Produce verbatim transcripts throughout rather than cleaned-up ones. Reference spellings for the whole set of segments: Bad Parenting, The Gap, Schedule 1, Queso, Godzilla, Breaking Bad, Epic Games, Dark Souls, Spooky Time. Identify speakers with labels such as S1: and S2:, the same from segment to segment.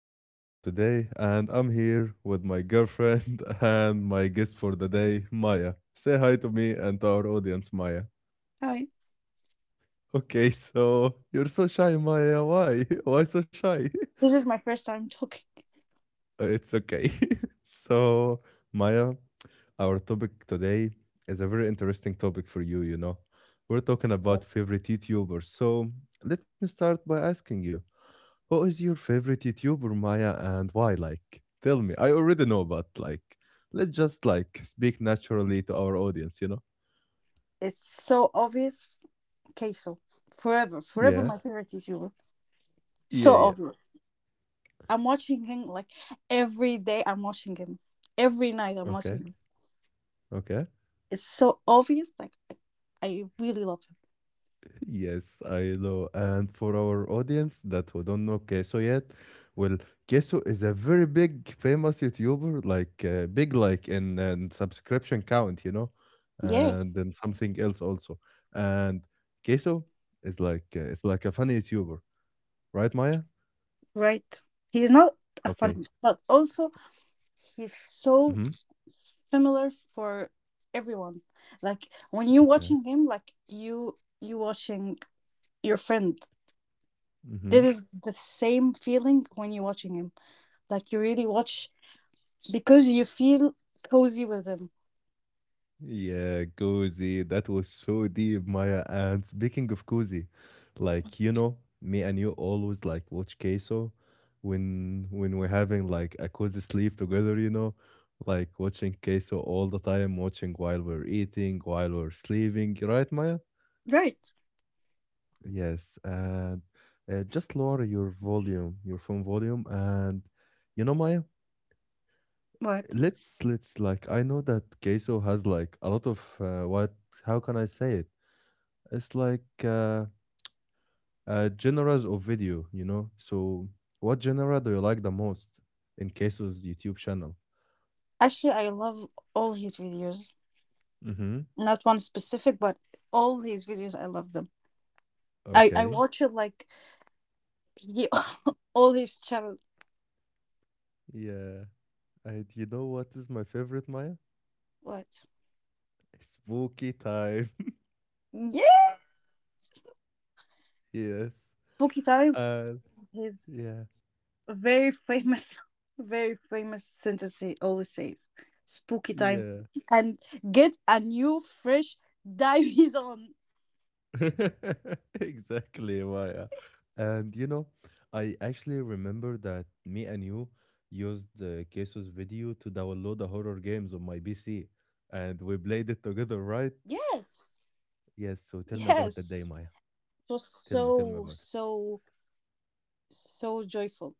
S1: your host for today, and I'm here with my girlfriend and my guest for the day, Maya. Say hi to me and to our audience, Maya.
S2: Hi.
S1: Okay, so you're so shy, Maya. Why? Why so shy?
S2: This is my first time talking.
S1: It's okay. so, Maya, our topic today is a very interesting topic for you, you know. We're talking about favorite YouTubers. So, let me start by asking you. Who is your favorite YouTuber, Maya, and why? Like, tell me. I already know, but like, let's just like speak naturally to our audience, you know?
S2: It's so obvious. Queso. Forever. Forever
S1: Yeah,
S2: my favorite is you.
S1: yeah,
S2: So
S1: yeah.
S2: obvious. I'm watching him, like, every day I'm watching him. Every night I'm watching
S1: Okay.
S2: him.
S1: Okay.
S2: It's so obvious. Like I I really love him.
S1: Yes, I know. And for our audience that who don't know Keso yet, well, Keso is a very big, famous YouTuber, like uh, big, like in, in subscription count, you know,
S2: Yes.
S1: and then something else also. And Keso is like uh, it's like a funny YouTuber, right, Maya?
S2: Right. He's not a
S1: Okay.
S2: funny but also he's so
S1: Mhm.
S2: similar for everyone. Like when you're
S1: Okay.
S2: watching him, like you you watching your friend. This
S1: Mhm.
S2: is the same feeling when you're watching him. Like you really watch because you feel cozy with him.
S1: Yeah, cozy. That was so deep, Maya. And speaking of cozy, like you know, me and you always like watch queso when when we're having like a cozy sleep together, you know, like watching queso all the time, watching while we're eating, while we're sleeping, right, Maya?
S2: Right.
S1: Yes. And uh, just lower your volume, your phone volume, and you know, Maya.
S2: Right.
S1: let's let's like I know that queso has like a lot of uh, what how can I say it? It's like uh, uh genres of video, you know. So what genre do you like the most in queso's YouTube channel?
S2: Actually, I love all his videos.
S1: Mm-hmm.
S2: Not one specific, but all his videos, I love them. I, I
S1: Okay.
S2: watch it like he, all his channel.
S1: Yeah. And you know what is my favorite, Maya?
S2: What?
S1: Spooky time.
S2: Yeah.
S1: yes.
S2: Spooky Time,
S1: Uh.
S2: his
S1: yeah.
S2: very famous, very famous sentence he always says. Spooky time.
S1: Yeah.
S2: And get a new fresh diaries on.
S1: exactly, Maya. And you know, I actually remember that me and you used uh, Keso's video to download the horror games on my P C, and we played it together, right?
S2: Yes.
S1: Yes. So tell me about that day,
S2: Yes,
S1: Maya.
S2: it was
S1: Tell me, tell me
S2: so,
S1: about it.
S2: so, so joyful.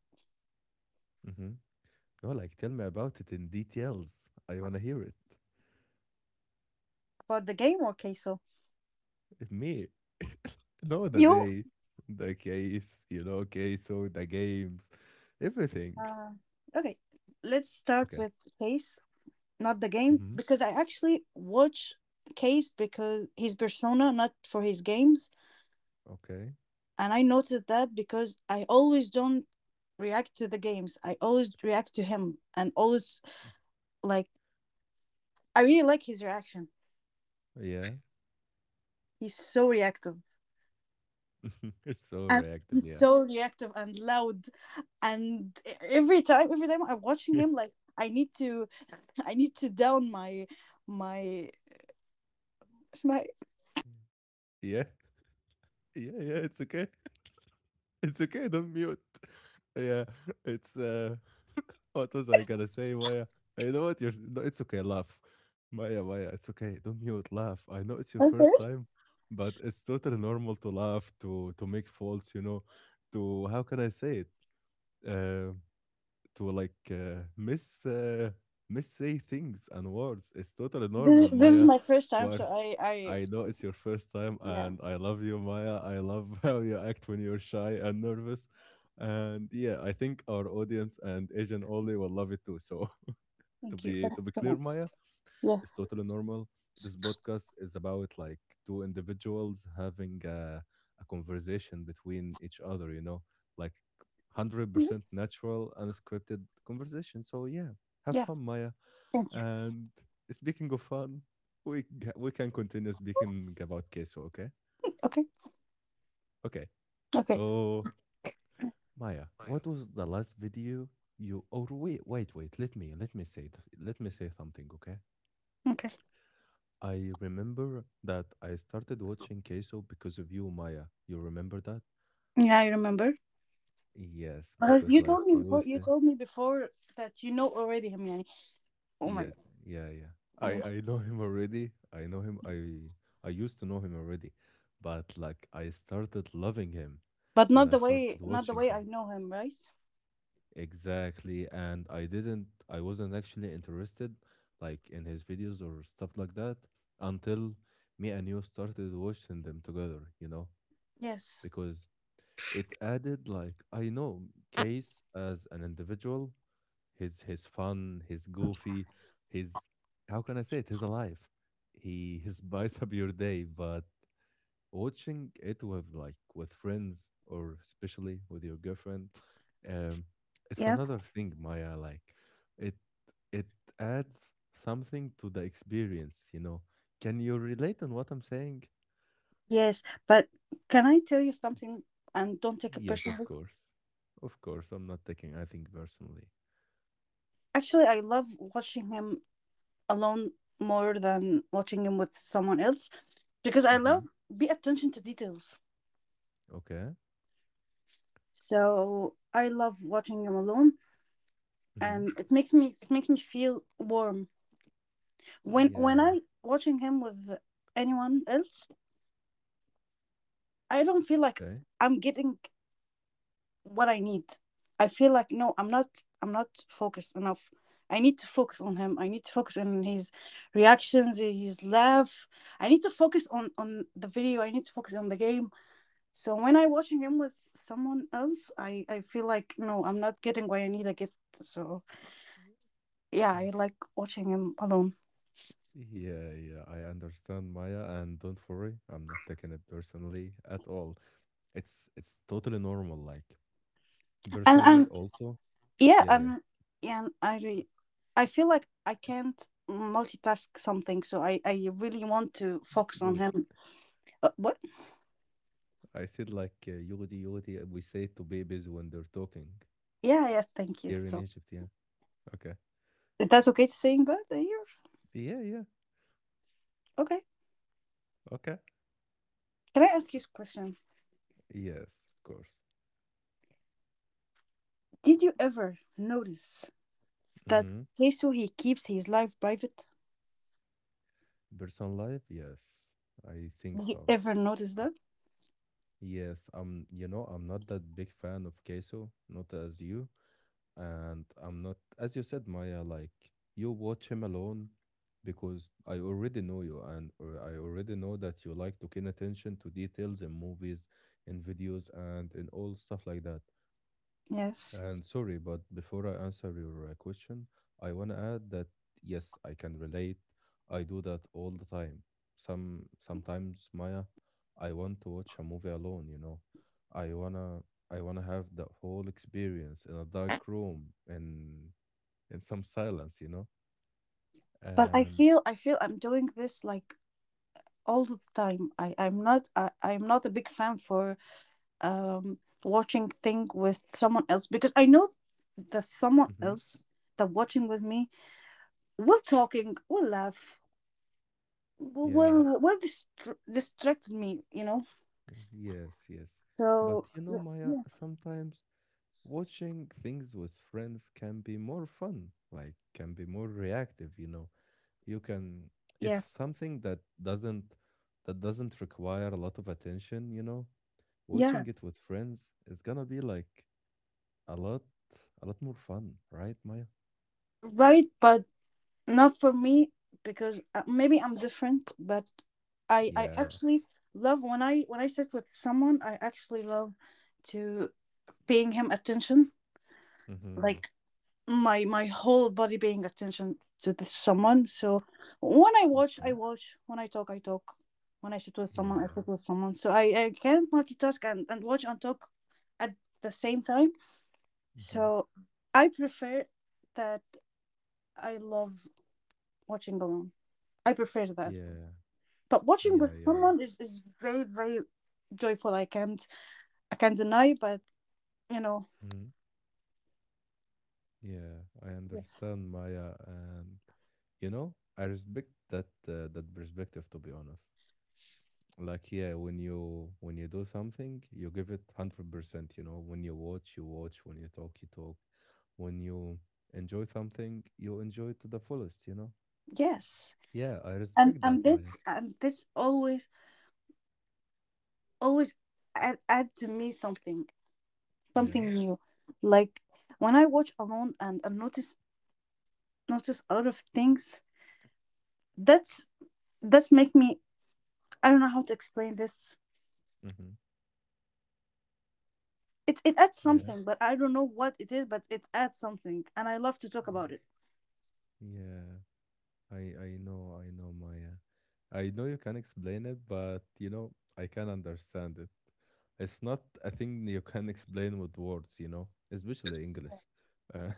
S1: Mm-hmm. No, like tell me about it in details. I wanna hear it.
S2: About the game or queso?
S1: Me. no, the
S2: You?
S1: day, the case, you know, Queso, the games, everything.
S2: Uh, okay, let's start
S1: Okay.
S2: with Case, not the game,
S1: Mm-hmm.
S2: because I actually watch Case because his persona, not for his games.
S1: Okay.
S2: And I noticed that because I always don't react to the games. I always react to him and always like I really like his reaction.
S1: Yeah.
S2: He's so reactive.
S1: It's so
S2: And
S1: reactive,
S2: he's
S1: yeah.
S2: so reactive and loud and e- every time every time I'm watching him like I need to I need to down my my it's my
S1: Yeah, yeah, yeah, it's okay. It's okay, don't mute. Yeah, it's, uh what was I gonna say, Maya? You know what? You're no, it's okay, laugh. Maya, Maya, it's okay, don't mute, laugh. I know it's your first
S2: okay.
S1: time, but it's totally normal to laugh, to to make faults, you know, to how can I say it? Uh to like uh, miss uh, miss say things and words. It's totally normal,
S2: This, this is
S1: Maya.
S2: my first time so
S1: But
S2: i i
S1: I know it's your first time,
S2: Yeah,
S1: and I love you, Maya. I love how you act when you're shy and nervous. And yeah, I think our audience and Asian only will love it too. So to
S2: thank you.
S1: be
S2: thank
S1: to
S2: you
S1: be
S2: so
S1: clear,
S2: much.
S1: Maya, it's
S2: Yeah.
S1: totally normal. This podcast is about like two individuals having a, a conversation between each other, you know, like
S2: Mhm.
S1: one hundred percent natural, unscripted conversation. So, yeah, have
S2: Yeah,
S1: fun, Maya.
S2: thank you.
S1: And speaking of fun, we, ca- we can continue speaking about queso, okay?
S2: Okay.
S1: Okay.
S2: Okay.
S1: So, Maya, what was the last video you? Or wait, wait, wait. Let me let me say th- let me say something, okay?
S2: Okay.
S1: I remember that I started watching Queso because of you, Maya. You remember that?
S2: Yeah, I remember.
S1: Yes,
S2: Uh,
S1: because
S2: you
S1: like
S2: told me
S1: you
S2: before. you
S1: said,
S2: told me before that you know already him, yani. Oh my.
S1: yeah, yeah, yeah.
S2: Yeah.
S1: I I know him already. I know him. I I used to know him already, but like I started loving him
S2: But
S1: when
S2: not
S1: I
S2: the way,
S1: started
S2: not the
S1: watching
S2: way
S1: him.
S2: I know him, right?
S1: Exactly, and I didn't. I wasn't actually interested like in his videos or stuff like that until me and you started watching them together. You know,
S2: Yes.
S1: because it added like I know Case as an individual, his his fun, his goofy, his how can I say it? His alive. He he spice up your day, but watching it with like with friends or especially with your girlfriend, um, it's
S2: Yeah.
S1: another thing, Maya. Like it it adds something to the experience, you know. Can you relate on what I'm saying?
S2: Yes, but can I tell you something? And don't take it
S1: Yes, of
S2: personally.
S1: course. Of course, I'm not taking anything personally.
S2: Actually, I love watching him alone more than watching him with someone else because I love
S1: Mhm.
S2: pay attention to details.
S1: Okay.
S2: So I love watching him alone,
S1: Mhm.
S2: and it makes me it makes me feel warm. When when
S1: Yeah.
S2: I watching him with anyone else, I don't feel like
S1: Okay.
S2: I'm getting what I need. I feel like no, I'm not I'm not focused enough. I need to focus on him. I need to focus on his reactions, his laugh. I need to focus on on the video. I need to focus on the game. So when I watching him with someone else, I I feel like no, I'm not getting what I need to get. So yeah,
S1: Yeah.
S2: I like watching him alone.
S1: Yeah. Yeah. I understand, Maya, and don't worry, I'm not taking it personally at all. It's it's totally normal. Like
S2: And
S1: personally,
S2: and
S1: also.
S2: yeah,
S1: Yeah. Yeah.
S2: and yeah, and I re- I feel like I can't multitask something. So I I really want to focus on
S1: Yulidi.
S2: him. Uh, what?
S1: I said like uh, yulidi, yulidi. We say it to babies when they're talking
S2: Yeah, yeah, thank you.
S1: here in
S2: So
S1: Egypt. Yeah. Okay.
S2: that's okay to saying that uh, here?
S1: Yeah. Yeah.
S2: Okay.
S1: Okay.
S2: Can I ask you a question?
S1: Yes. Of course.
S2: Did you ever notice that
S1: Mm-hmm.
S2: Jesus, he keeps his life private?
S1: Personal life. Yes. I think
S2: Did you
S1: so.
S2: ever notice that?
S1: Yes, I'm, you know, I'm not that big fan of queso, not as you. And I'm not, as you said, Maya, like you watch him alone because I already know you and or I already know that you like to pay attention to details in movies, in videos, and in all stuff like that.
S2: Yes.
S1: And sorry, but before I answer your uh, question, I want to add that yes, I can relate. I do that all the time. Some sometimes, Maya, I want to watch a movie alone, you know. I wanna I wanna have the whole experience in a dark room and in some silence, you know.
S2: But I
S1: And
S2: feel I feel I'm doing this like all the time. I I'm not I, I'm not a big fan for um watching thing with someone else because I know that someone
S1: Mhm.
S2: else that watching with me will talking, will laugh,
S1: yeah,
S2: will will distract distracted me, you know.
S1: y- yes, yes.
S2: So
S1: But you know,
S2: yeah,
S1: Maya, sometimes watching things with friends can be more fun, like can be more reactive, you know you can
S2: yeah,
S1: if something that doesn't that doesn't require a lot of attention you know
S2: yeah,
S1: watching it with friends is gonna be like a lot a lot more fun right maya.
S2: right. But not for me because uh, maybe I'm different. But I, I
S1: Yes.
S2: actually love when I when I sit with someone. I actually love to paying him attention,
S1: Mm-hmm.
S2: like my my whole body paying attention to this someone. So when I watch,
S1: Okay.
S2: I watch. When I talk, I talk. When I sit with someone, I
S1: Yeah.
S2: sit with someone. So I I can't multitask and and watch and talk at the same time.
S1: Mm-hmm.
S2: So I prefer that I love watching alone. I prefer that.
S1: Yeah.
S2: But watching
S1: Yeah.
S2: with
S1: Yeah.
S2: someone is, is very, very joyful. I can't I can't deny, but you know.
S1: Mm-hmm. yeah I
S2: Yes.
S1: understand maya and you know I respect that uh, that perspective to be honest like yeah when you when you do something you give it one hundred percent you know when you watch you watch when you talk you talk when you enjoy something you enjoy it to the fullest you know.
S2: Yes.
S1: Yeah I
S2: And
S1: respect
S2: and
S1: that maya.
S2: this and this always always add add to me something.
S1: Yeah.
S2: Something new. Like when I watch alone and, and notice notice a lot of things, that's that's make me I don't know how to explain this.
S1: Mm-hmm.
S2: It it adds
S1: yeah
S2: something, but I don't know what it is, but it adds something and I love to talk
S1: y-
S2: about it.
S1: yeah i i know I know maya I know you can explain it but you know I can understand it it's not a thing you can explain with words you know especially english and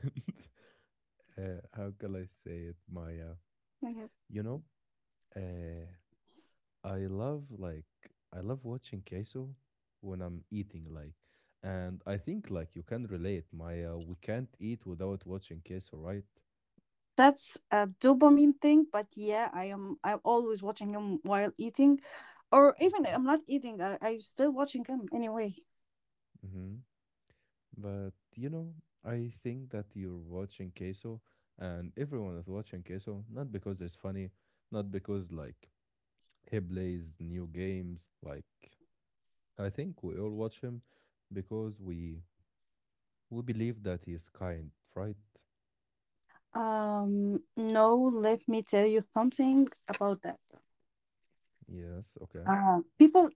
S1: uh, how can I say it maya.
S2: Okay.
S1: You know, uh, I love like I love watching queso when I'm eating like, and I think like you can relate, Maya. We can't eat without watching queso, right?
S2: That's a dopamine thing, but yeah, I am I'm always watching him while eating. Or even
S1: Okay.
S2: I'm not eating, I, I'm still watching him anyway.
S1: Mm-hmm. But you know, I think that you're watching queso, and everyone is watching queso not because it's funny, not because like he plays new games. Like I think we all watch him because we we believe that he's kind, right?
S2: Um no, let me tell you something about that.
S1: Yes. Okay.
S2: Uh, people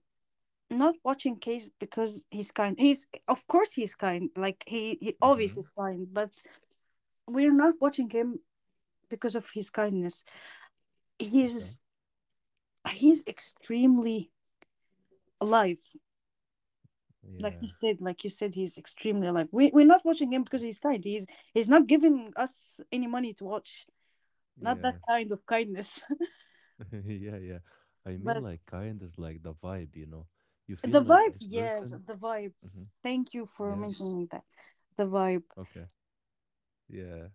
S2: not watching Case because he's kind. He's of course he's kind. Like he he
S1: Mm-hmm.
S2: always is kind, but we're not watching him because of his kindness.
S1: Okay.
S2: He's he's extremely alive. Like
S1: Yeah.
S2: you said, like you said he's extremely alive. We, we're not watching him because he's kind. He's he's not giving us any money to watch. Not that kind
S1: Yes.
S2: of kindness.
S1: yeah. Yeah. I mean,
S2: But
S1: like, kind is like the vibe, you know? You feel
S2: the
S1: like
S2: vibe,
S1: this
S2: yes,
S1: person.
S2: the vibe.
S1: Mm-hmm.
S2: Thank you for
S1: Yes.
S2: mentioning that, the vibe.
S1: Okay. Yeah.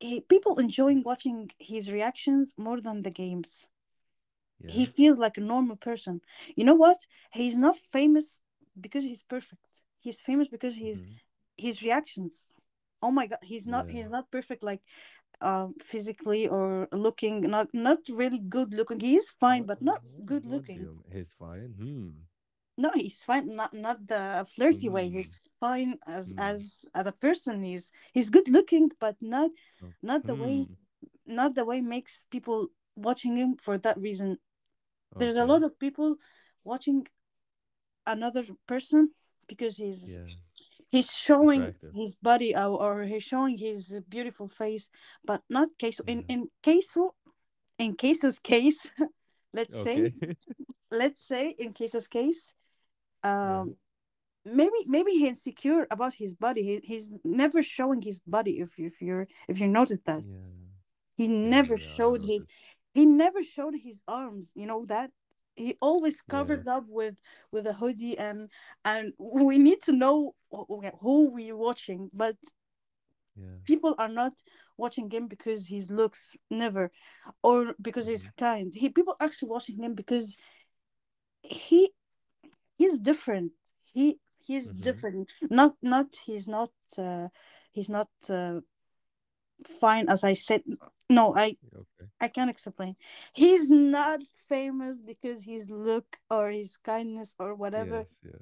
S2: he, People
S1: Uh,
S2: enjoying watching his reactions more than the games. He
S1: Yeah.
S2: feels like a normal person. You know what? He's not famous because he's perfect. He's famous because he's
S1: Mm-hmm.
S2: his reactions. Oh my god, he's not
S1: Yeah.
S2: he's not perfect, like um physically or looking. Not not really good looking. He is fine
S1: What,
S2: but
S1: oh,
S2: not
S1: what?
S2: good
S1: What do
S2: looking.
S1: you mean? He's fine. Hmm.
S2: No, he's fine, not not the flirty way.
S1: Hmm.
S2: He's fine as as
S1: Hmm.
S2: as a person. He's he's good looking, but not
S1: Okay.
S2: not the way,
S1: Hmm.
S2: not the way makes people watching him for that reason. There's a lot
S1: Okay.
S2: of people watching another person because he's
S1: Yeah.
S2: he's showing
S1: Attractive.
S2: his body, or, or he's showing his beautiful face. But not Keiso. in
S1: Yeah.
S2: in Keiso in Keiso's case, let's say,
S1: Okay.
S2: let's say in Keso's case,
S1: yeah.
S2: um maybe, maybe he's insecure about his body. He, he's never showing his body. if if you're if you noted that,
S1: Yeah.
S2: he
S1: Yeah.
S2: never
S1: Yeah. I
S2: showed his
S1: noticed.
S2: he never showed his arms, you know that. He always covered
S1: Yes.
S2: up with with a hoodie, and and we need to know wh- who we're watching, but
S1: Yeah.
S2: people are not watching him because his looks never, or because
S1: Mm-hmm.
S2: he's kind. He People actually watching him because he. he's different. He he's
S1: Mm-hmm.
S2: different, not not he's not, uh, he's not uh, fine, as I said. No, i
S1: Yeah, Okay.
S2: I can't explain. He's not famous because his look or his kindness or whatever.
S1: Yes. Yeah.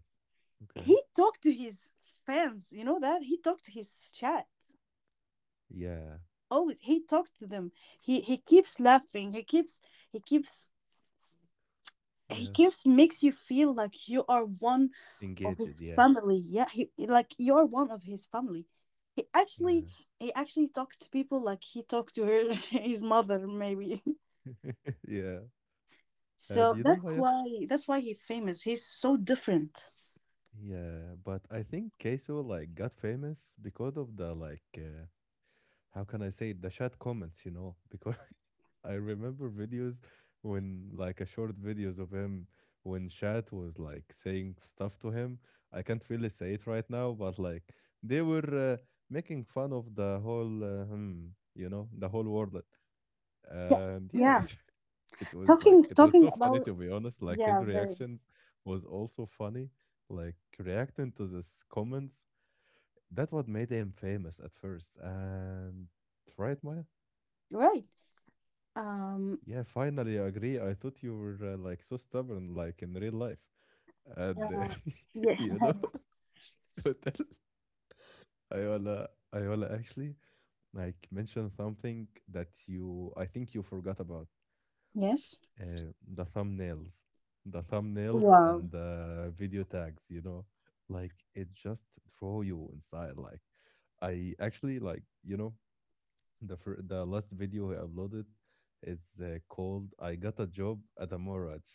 S1: Okay.
S2: He talked to his fans, you know that. He talked to his chat.
S1: Yeah.
S2: Oh, he talked to them. He he keeps laughing. He keeps he keeps he
S1: Yeah.
S2: keeps makes you feel like you are one of
S1: Engaged.
S2: his
S1: Yeah.
S2: family. Yeah, he he- like you're one of his family. He actually
S1: Yeah.
S2: he actually talked to people like he talked to her his mother maybe.
S1: yeah. Uh,
S2: So
S1: do you know
S2: that's
S1: why?
S2: why, that's why he's famous. He's so different.
S1: Yeah. But I think Queso like got famous because of the like uh, how can I say it? The chat comments, you know? Because I remember videos when like a short videos of him when chat was like saying stuff to him. I can't really say it right now, but like they were uh, making fun of the whole uh, hmm, you know the whole world
S2: Yeah,
S1: and yeah
S2: yeah.
S1: it was like
S2: Talking
S1: it was
S2: talking
S1: so funny
S2: about
S1: to be honest, like
S2: yeah,
S1: his
S2: very
S1: reactions was also funny, like reacting to this comments. That what made him famous at first. And right, Maya?
S2: right. Um
S1: Yeah, finally I agree. I thought you were uh, like so stubborn like in real life. And uh,
S2: yeah.
S1: you know, to tell Ayola. Ayola actually like mentioned something that you I think you forgot about.
S2: Yes.
S1: Uh, the thumbnails, the thumbnails
S2: Wow.
S1: and the video tags, you know, like it just throw you inside. Like I actually like, you know, the fir- the last video I uploaded is uh, called "I Got a Job at a Mortgage,"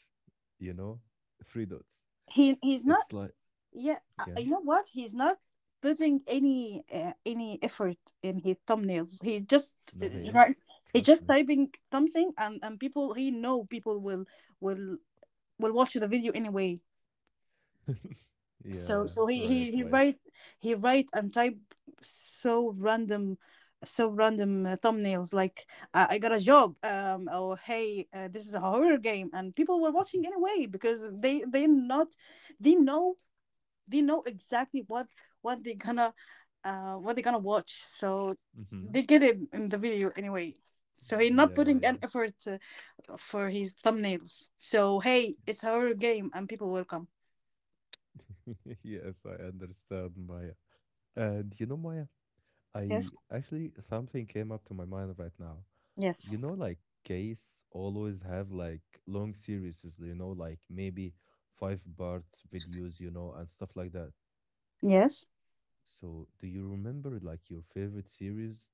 S1: you know, three dots.
S2: He he's not
S1: It's like,
S2: yeah, uh,
S1: yeah,
S2: you know what? He's not putting any uh, any effort in his thumbnails. He just
S1: no, he
S2: uh, right.
S1: is.
S2: He's
S1: Trust
S2: just
S1: me.
S2: typing something, and and people he know people will will will watch the video anyway. So
S1: yeah,
S2: so he
S1: right,
S2: he he
S1: Maya.
S2: write, he write and type so random, so random uh, thumbnails like, uh, I got a job, um or hey, uh, this is a horror game, and people were watching anyway because they they're not they know, they know exactly what what they're gonna, uh what they're gonna watch. So they
S1: hmm.
S2: get it in the video anyway. So he's not
S1: Yeah,
S2: putting an
S1: yeah.
S2: effort uh, for his thumbnails. So hey, it's our game and people will come.
S1: yes, I understand, Maya. And you know, Maya.
S2: Yes.
S1: I actually something came up to my mind right now.
S2: Yes.
S1: You know, like case always have like long series, you know, like maybe five parts videos, you know, and stuff like that.
S2: Yes.
S1: So, do you remember like your favorite series?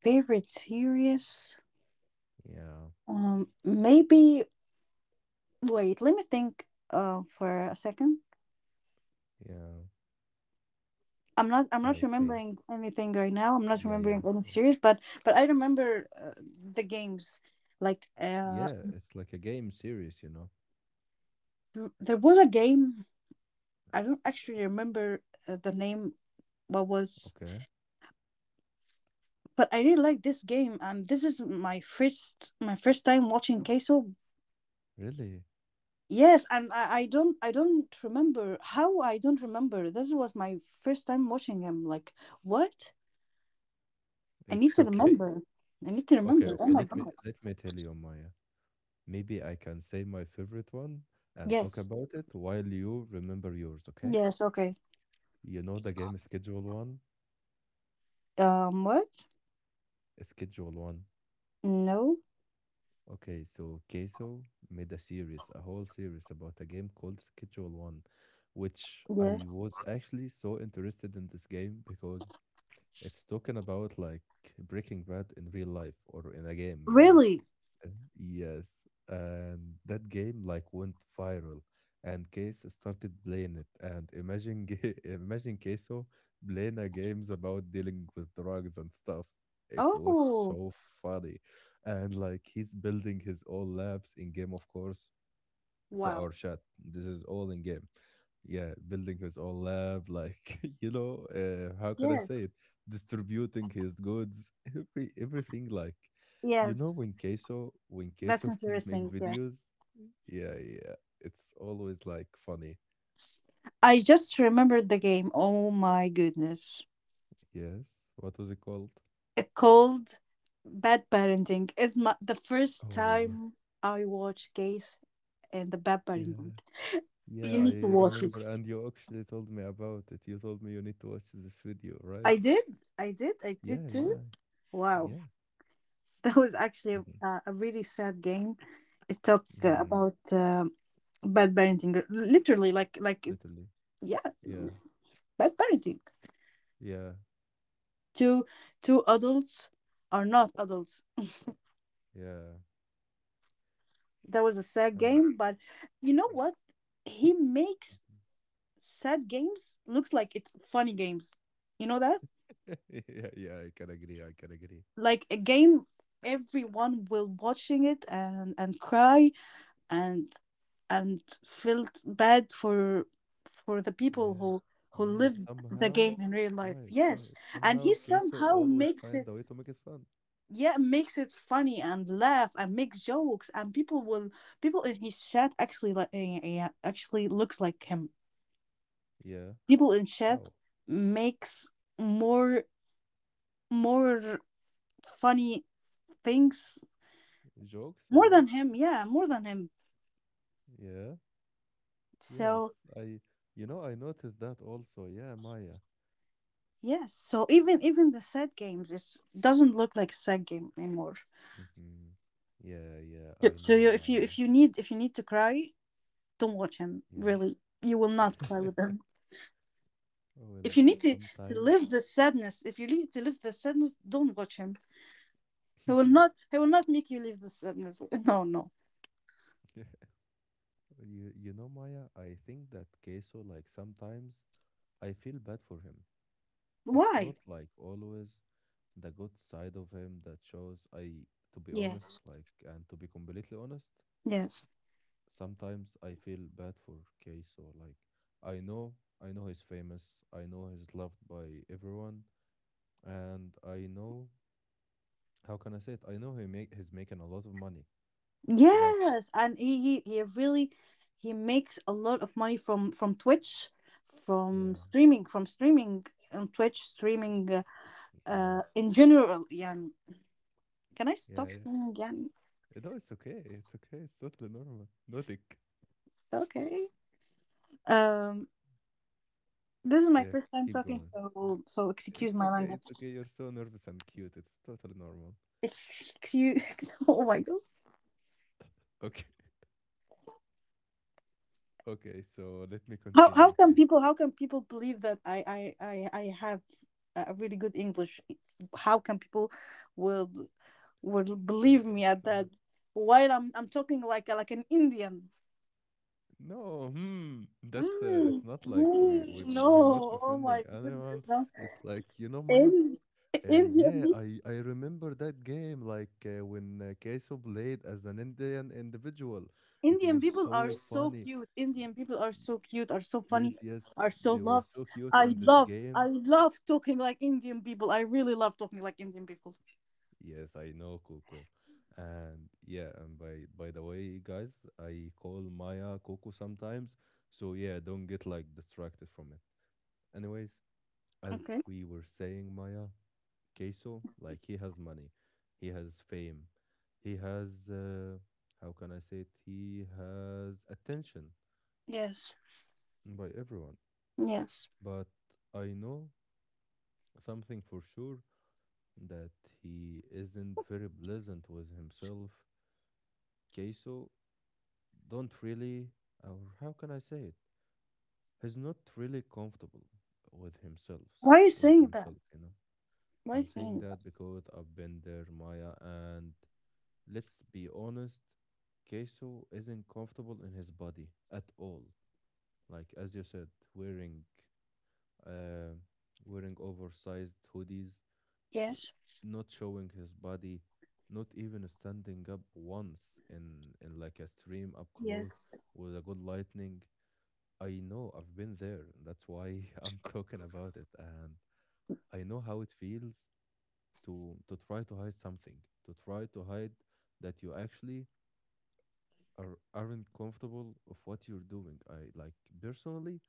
S2: Favorite series,
S1: Yeah,
S2: um maybe wait, let me think uh for a second.
S1: yeah,
S2: I'm not I'm
S1: eh,
S2: not
S1: okay,
S2: remembering anything right now. I'm not
S1: yeah, yeah,
S2: remembering any
S1: yeah,
S2: series, but but I remember, uh, the games, like, uh
S1: yeah. It's like a game series, you know.
S2: th- there was a game, I don't actually remember uh, the name, what was,
S1: Okay,
S2: but I really like this game and this is my first, my first time watching Queso.
S1: really,
S2: Yes, and I, I don't I don't remember how. I don't remember. This was my first time watching him. Like, what? I need
S1: it's
S2: to
S1: okay.
S2: remember. I need to
S1: Okay,
S2: remember. Oh
S1: okay.
S2: my
S1: Let me
S2: god.
S1: let me tell you my maybe I can say my favorite one and talk
S2: Yes.
S1: about it while you remember yours, okay?
S2: Yes, okay.
S1: You know the game Schedule one?
S2: Um what?
S1: Schedule one.
S2: No.
S1: Okay, so Queso made a series, a whole series about a game called Schedule one, which
S2: Yes.
S1: I was actually so interested in this game because it's talking about like Breaking Bad in real life or in a game, you know?
S2: Really?
S1: Yes, and that game like went viral, and Case started playing it. And imagine, Ga- imagine Queso playing a games about dealing with drugs and stuff. It was
S2: Oh,
S1: so funny, and like he's building his own labs in game, of course, to
S2: wow.
S1: our chat. This is all in game, yeah, building his own lab like you know, uh, how can I say
S2: Yes.
S1: it, distributing his goods, every everything like, you know,
S2: Yes.
S1: when queso when
S2: That's
S1: queso make
S2: interesting. Yeah.
S1: videos. Yeah, yeah, it's always like funny.
S2: I just remembered the game. Oh my goodness.
S1: Yes, what was it called?
S2: It called Bad Parenting. It's my, the first
S1: Oh yeah.
S2: time I watched Case and the Bad
S1: Yeah.
S2: Parenting.
S1: yeah
S2: You
S1: i
S2: need to watch it.
S1: remember, and you actually told me about it. You told me you need to watch this video, right?
S2: I did. I did. I did
S1: Yeah,
S2: too.
S1: yeah,
S2: Wow.
S1: yeah.
S2: That was actually a,
S1: Hmm.
S2: a a really sad game. It talked uh,
S1: Hmm.
S2: about um bad parenting, r- literally, like, like,
S1: Literally.
S2: yeah,
S1: Yeah.
S2: bad parenting.
S1: Yeah.
S2: Two, two adults are not adults.
S1: Yeah.
S2: That was a sad
S1: And
S2: game, but you know what, he makes sad games looks like it's funny games, you know that.
S1: yeah, yeah, I can agree, I can agree.
S2: Like a game everyone will watching it and and cry, and and felt bad for for the people
S1: Yeah.
S2: who who
S1: Yeah,
S2: lived the
S1: somehow,
S2: game in real life.
S1: right,
S2: Yes,
S1: right.
S2: and
S1: Somehow
S2: he
S1: Queso
S2: somehow
S1: always
S2: makes
S1: find a way
S2: it,
S1: to make it fun.
S2: yeah, makes it funny and laugh, and makes jokes, and people will — people in his chat actually like, actually looks like him.
S1: Yeah.
S2: People in chat
S1: How?
S2: makes more more funny things,
S1: Jokes or
S2: more
S1: what?
S2: than him, yeah, more than him.
S1: Yeah.
S2: So
S1: Yes. I You know, I noticed that also. Yeah, Maya.
S2: yes, so even even the sad games, it doesn't look like a sad game anymore.
S1: Hmm. Yeah, yeah,
S2: so,
S1: I
S2: so you,
S1: know
S2: if you if
S1: Maya.
S2: you need if you need to cry, don't watch him,
S1: Yeah.
S2: really, you will not cry with him. If
S1: Well,
S2: you need to, to
S1: sometimes
S2: live the sadness, if you need to live the sadness, don't watch him. he will not he will not make you leave the sadness. No, no.
S1: you you know Maya, I think that Queso like sometimes I feel bad for him. It's not
S2: Why?
S1: like always the good side of him that shows. I, to be
S2: Yes,
S1: honest, like, and to be completely honest,
S2: yes.
S1: sometimes I feel bad for Keiso. Like, I know, I know he's famous. I know he's loved by everyone, and I know, how can I say it? I know he make he's making a lot of money, but
S2: Yes, and he, he he really he makes a lot of money from from Twitch, from
S1: yeah,
S2: streaming, from streaming on Twitch, streaming uh, uh
S1: yes,
S2: in general. Yeah, can I
S1: yeah,
S2: stop
S1: yeah.
S2: streaming? Yeah,
S1: No, it's okay. It's okay. It's totally normal. Nothing.
S2: okay. Um, this is my
S1: Yeah,
S2: first time
S1: keep
S2: talking,
S1: going.
S2: so so excuse
S1: It's
S2: my
S1: okay.
S2: language.
S1: It's okay. You're so nervous and cute. It's totally normal.
S2: Excuse. Oh my God.
S1: Okay. Okay. So let me
S2: How how
S1: continue,
S2: can
S1: cute.
S2: people how can people believe that I I I I have a really good English? How can people will? will believe
S1: Uh,
S2: me at
S1: so,
S2: that? While I'm I'm talking like a, like an Indian.
S1: no, hmm. That's uh, it's
S2: Mm,
S1: not like we we
S2: mm,
S1: d-
S2: no,
S1: we're not
S2: oh
S1: offending
S2: my goodness,
S1: anyone.
S2: no.
S1: It's like, you know, Maya.
S2: Ind-
S1: Uh,
S2: Indian
S1: yeah,
S2: peop-
S1: I I remember that game. Like uh, when uh, Queso played as an Indian individual, it
S2: Indian
S1: was
S2: people are
S1: so
S2: so
S1: funny.
S2: cute.
S1: Y-
S2: Indian people are
S1: y-
S2: so cute, are so funny,
S1: Yes, yes,
S2: are so
S1: they were
S2: loved.
S1: so cute
S2: I
S1: in this
S2: love I
S1: game.
S2: love talking like Indian people. I really love talking like Indian people.
S1: Yes, I know Coco. And yeah, and by by the way, guys, I call Maya Coco sometimes. So yeah, don't get like distracted from it. Anyways, as
S2: Okay.
S1: we were saying, Maya, Queso, like he has money, he has fame, he has uh, how can I say it? He has attention
S2: Yes.
S1: by everyone.
S2: Yes.
S1: But I know something for sure that he isn't very pleasant with himself. Queso don't really, or how can I say it? He's not really comfortable with himself,
S2: Why are you
S1: with
S2: saying that?
S1: himself, you know.
S2: Why are
S1: I'm
S2: you
S1: saying
S2: saying that?
S1: that because I've been there, Maya, and let's be honest, Queso isn't comfortable in his body at all. Like as you said, wearing uh, wearing oversized hoodies, w-
S2: Yes.
S1: not showing his body, not even standing up once in in like a stream up close
S2: Yes.
S1: with a good lightning. I know I've been there. That's why I'm talking about it. And I know how it feels to to try to hide something, to try to hide that you actually are aren't comfortable of what you're doing. I like Personally,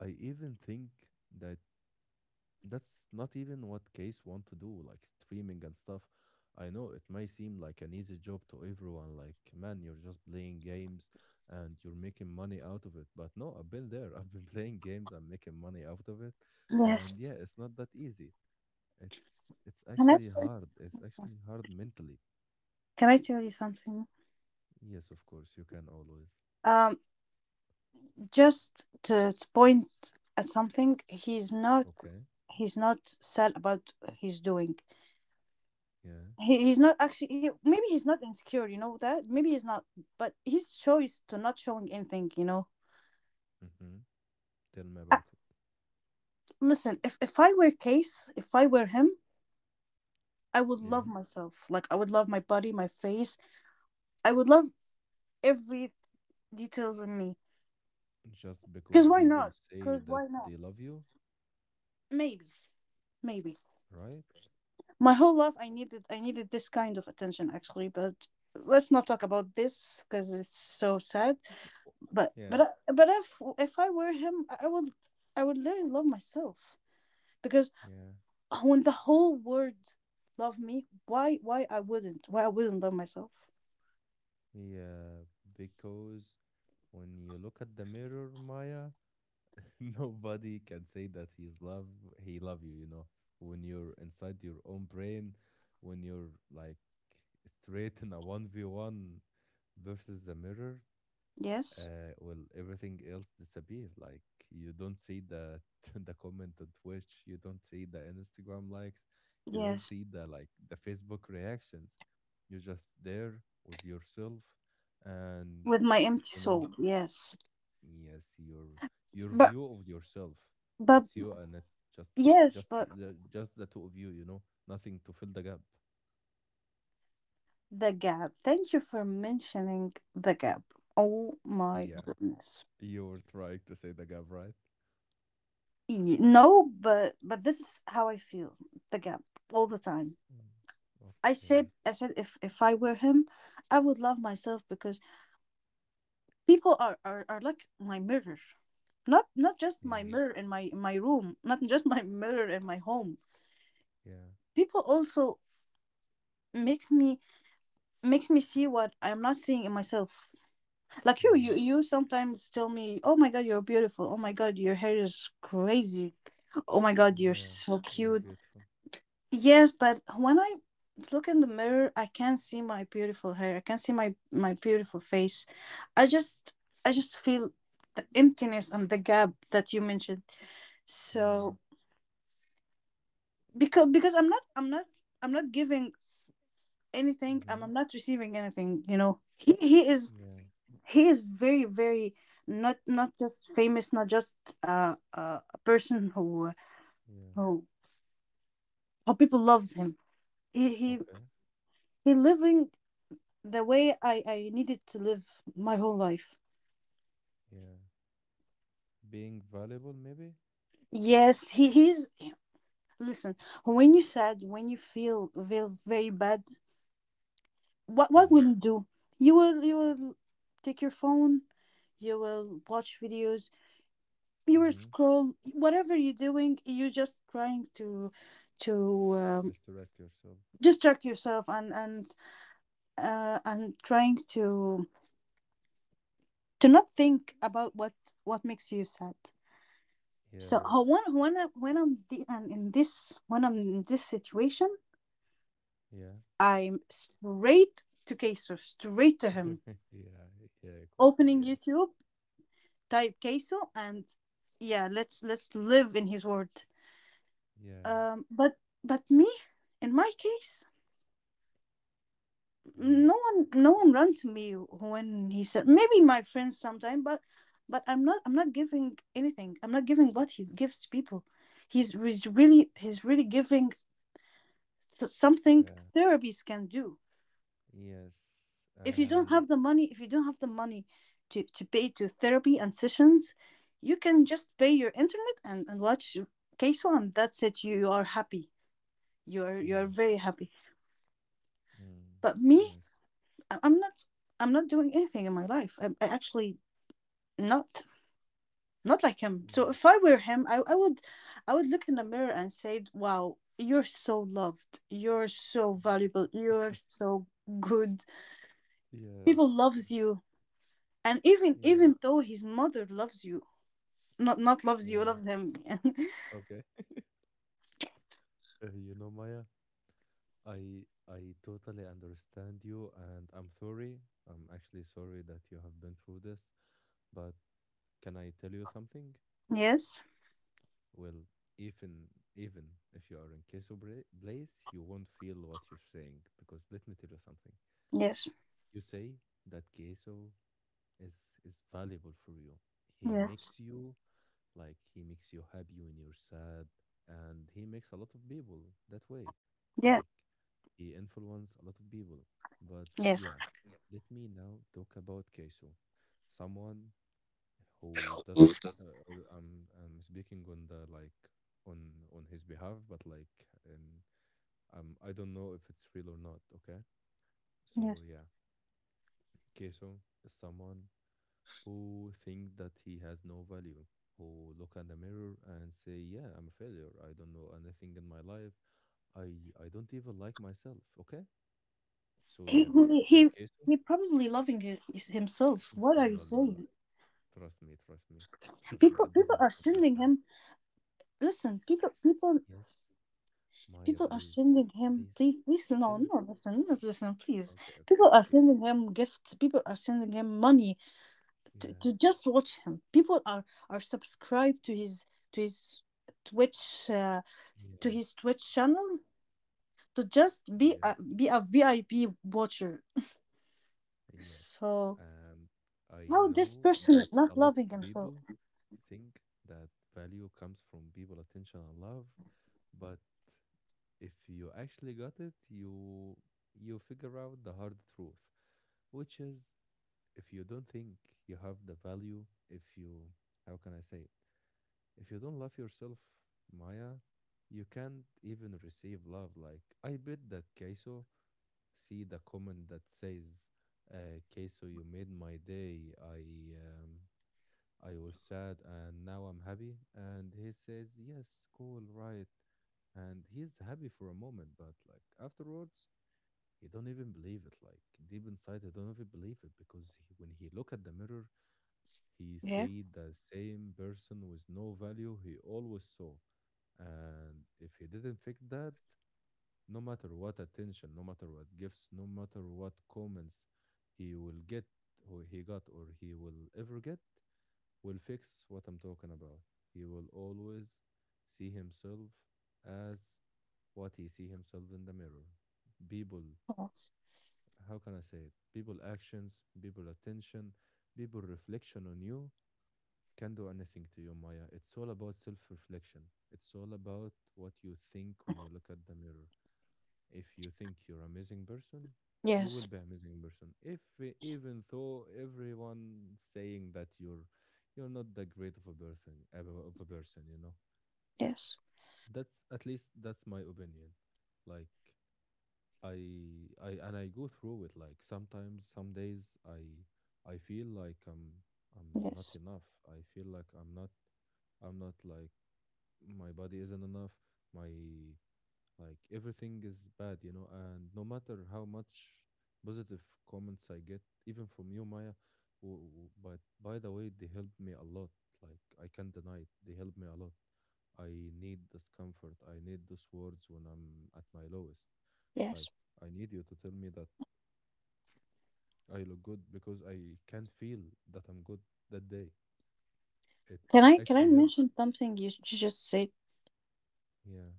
S1: I even think that that's not even what Case want to do, like streaming and stuff. I know it may seem like an easy job to everyone, like, man, you're just playing games and you're making money out of it. But no, I've been there. I've been playing games and making money out of it. And
S2: Yes.
S1: yeah, it's not that easy. It's it's
S2: Can I
S1: actually
S2: tell you
S1: hard. It's actually hard mentally.
S2: Can I tell you something?
S1: Yes, of course, you can always.
S2: Um, just to, to point at something, he's not
S1: Okay.
S2: he's not sad about what he's doing.
S1: Yeah.
S2: He, he's not actually. He, maybe he's not insecure. You know that. Maybe he's not. But his choice to not showing anything. You know.
S1: Mm-hmm. Tell me
S2: Uh,
S1: about it.
S2: Listen, if if I were Case, if I were him, I would
S1: Yeah.
S2: love myself. Like I would love my body, my face. I would love every details on me.
S1: Just because
S2: Because why
S1: people
S2: not?
S1: say
S2: Because
S1: that
S2: why not?
S1: they love you,
S2: Maybe, maybe.
S1: right?
S2: My whole life, I needed, I needed this kind of attention actually. But let's not talk about this because it's so sad.
S1: W-
S2: But but
S1: Yeah.
S2: I- but if if I were him, I I would I would learn love myself, because
S1: Yeah,
S2: when the whole world love me, why why I wouldn't? Why I wouldn't love myself?
S1: yeah, because when you look at the mirror, Maya, nobody can say that he's love he love you, you know. When you're inside your own brain, when you're like straight in a one v one versus the mirror,
S2: Yes,
S1: uh, well, everything else disappear. Like you don't see the the comment on Twitch, you don't see the Instagram likes, you don't
S2: yes.
S1: see the like the Facebook reactions. You're just there with yourself, and
S2: With my empty
S1: you know,
S2: soul, yes.
S1: yes, your your
S2: But
S1: view of yourself.
S2: but
S1: It's you and it just
S2: yes,
S1: just
S2: but
S1: you, the, just the two of you. You know, nothing to fill the gap.
S2: The Gap. Thank you for mentioning The Gap. Oh my
S1: Yeah,
S2: goodness.
S1: you were trying to say the gap, right?
S2: Y- No, but but this is how I feel. The Gap all the time.
S1: Mm.
S2: I said
S1: Okay.
S2: I said if if I were him, I would love myself because people are are, are like my mirror. Not not just my
S1: Yeah.
S2: mirror in my in my room, not just my mirror in my home.
S1: Yeah.
S2: People also makes me makes me see what I am not seeing in myself. Like you you
S1: Yeah.
S2: you sometimes tell me, "Oh my God, you're beautiful. Oh my God, your hair is crazy. Oh my God,
S1: Mm,
S2: you're so
S1: yeah, you're
S2: cute."
S1: beautiful.
S2: Yes, but when I look in the mirror, I can't see my beautiful hair, I can't see my my beautiful face. I just i just feel the emptiness and the gap that you mentioned,
S1: Yeah.
S2: so because because i'm not i'm not i'm not giving anything. I'm
S1: Mm-hmm.
S2: i'm not receiving anything you know he he is
S1: Yeah.
S2: he is very, very, not not just famous, not just uh, uh, a person who,
S1: Yeah.
S2: who how people loves him. he he
S1: Okay.
S2: he living the way i i needed to live my whole life.
S1: Yeah. Being valuable, maybe.
S2: Yes, he he's listen, when you sad, when you feel feel very bad, what what
S1: Yeah.
S2: will you do? You will you will take your phone, you will watch videos, you will
S1: Mm-hmm.
S2: scroll, whatever you're doing, you're just trying to to uh,
S1: Distract yourself.
S2: distract yourself, and and uh, and trying to to not think about what what makes you sad. so
S1: Yeah.
S2: uh, when when I, when i'm the, and in this when I'm in this situation,
S1: Yeah.
S2: I'm straight to Queso, straight to him,
S1: yeah. Yeah. Cool. Cool.
S2: opening
S1: Yeah.
S2: YouTube, type Queso, and yeah, let's let's live in his word.
S1: Yeah.
S2: Um but but me, in my case,
S1: Mm-hmm.
S2: no one no one run to me when he said, maybe my friends sometime, but but i'm not i'm not giving anything, I'm not giving what he gives to people. He's, he's really he's really giving th- something
S1: Yeah.
S2: therapies can do.
S1: Yes.
S2: If you don't
S1: And
S2: have the money if you don't have the money to, to pay to therapy and sessions, you can just pay your internet, and, and watch Case. One, that's it. You, are happy, you're you're very
S1: yes.
S2: happy.
S1: Mm.
S2: But me,
S1: Yes.
S2: I- i'm not i'm not doing anything in my life. i, I actually not, not like him. So
S1: Yeah.
S2: if I were him, I, I would i would look in the mirror and say, "Wow, you're so loved, you're so
S1: Mm.
S2: valuable, you're so good. People
S1: yes.
S2: loves you." And even even
S1: Yes.
S2: though his mother loves you, not not loves you,
S1: Yeah.
S2: loves him.
S1: Okay. Uh, you know, Maya, I I totally understand you, and I'm sorry. I'm actually sorry that you have been through this, but can I tell you something?
S2: Yes,
S1: Well, even even if you are in Queso Bla- Blaze, you won't feel what you're saying because let me tell you something.
S2: yes,
S1: You say that Queso is is valuable for you. He
S2: yes,
S1: makes you, like he makes you happy when you're sad, and he makes a lot of people that way.
S2: yes,
S1: Like he influenced a lot of people. But
S2: yes,
S1: yeah, let me now talk about Keisu, someone who doesn't. Uh, or I'm I'm speaking on the like on on his behalf, but like and um I don't know if it's real or not. Okay, so
S2: yes.
S1: yeah, Keisu is someone who think that he has no value, who look in the mirror and say, "Yeah, I'm a failure. I don't know anything in my life. I I don't even like myself." Okay, so
S2: he
S1: yeah,
S2: he,
S1: for
S2: he
S1: Queso,
S2: he probably loving hi- his- himself. What
S1: no,
S2: are you
S1: no, no, no.
S2: saying?
S1: Trust me, trust me, trust me.
S2: people
S1: It
S2: people
S1: doesn't
S2: are
S1: work that
S2: sending
S1: way.
S2: him, listen,
S1: It's
S2: people
S1: Yes,
S2: people
S1: yes, Maya,
S2: People are
S1: please,
S2: sending him,
S1: please,
S2: please, please, no,
S1: chill.
S2: no, listen, no, listen, please.
S1: Okay, okay,
S2: People are
S1: okay.
S2: sending him gifts. People are sending him money to,
S1: Yeah,
S2: to just watch him. People are are subscribed to his, to his Twitch uh, to his
S1: yes,
S2: Twitch channel, to just be
S1: yes.
S2: a be a V I P watcher.
S1: Yes,
S2: So
S1: and I
S2: how this
S1: know
S2: person
S1: that
S2: is
S1: a
S2: not
S1: lot
S2: loving
S1: of
S2: himself?
S1: people think that value comes from people, attention, and love, but if you actually got it, you you figure out the hard truth, which is if you don't think you have the value, if you how can I say it? If you don't love yourself, Maya, you can't even receive love. Like I bet that Kaiso see the comment that says, uh, "Queso, you made my day. I um, I was sad and now I'm happy." And he says, "Yes, cool, right." And he's happy for a moment, but like afterwards, he don't even believe it. Like deep inside, he don't even believe it because he, when he look at the mirror, he
S2: Yeah.
S1: see the same person with no value he always saw. And if he didn't fix that, no matter what attention, no matter what gifts, no matter what comments he will get, or he got, or he will ever get, will fix what I'm talking about. He will always see himself as what he see himself in the mirror. People,
S2: Yes,
S1: how can I say it? People actions, people attention, people reflection on you can do anything to you, Maya. It's all about self-reflection. It's all about what you think when you look at the mirror. If you think you're amazing person, you will
S2: yes,
S1: be amazing person. If e- even though everyone saying that you're you're not that great of a person of a of a person, you know.
S2: yes,
S1: That's at least that's my opinion. Like I I and I go through it. Like sometimes, some days I I feel like I'm I'm not
S2: yes.
S1: enough. I feel like I'm not I'm not like my body isn't enough. My like everything is bad, you know, and no matter how much positive comments I get, even from you, Maya, w- w- but by the way they helped me a lot. Like I can't deny it, they helped me a lot. I need this comfort, I need those words when I'm at my lowest. Like
S2: Yes.
S1: I need you to tell me that I look good because I can't feel that I'm good that day. It
S2: Can I can I
S1: actually helps.
S2: mention something you, you just said?
S1: Yeah.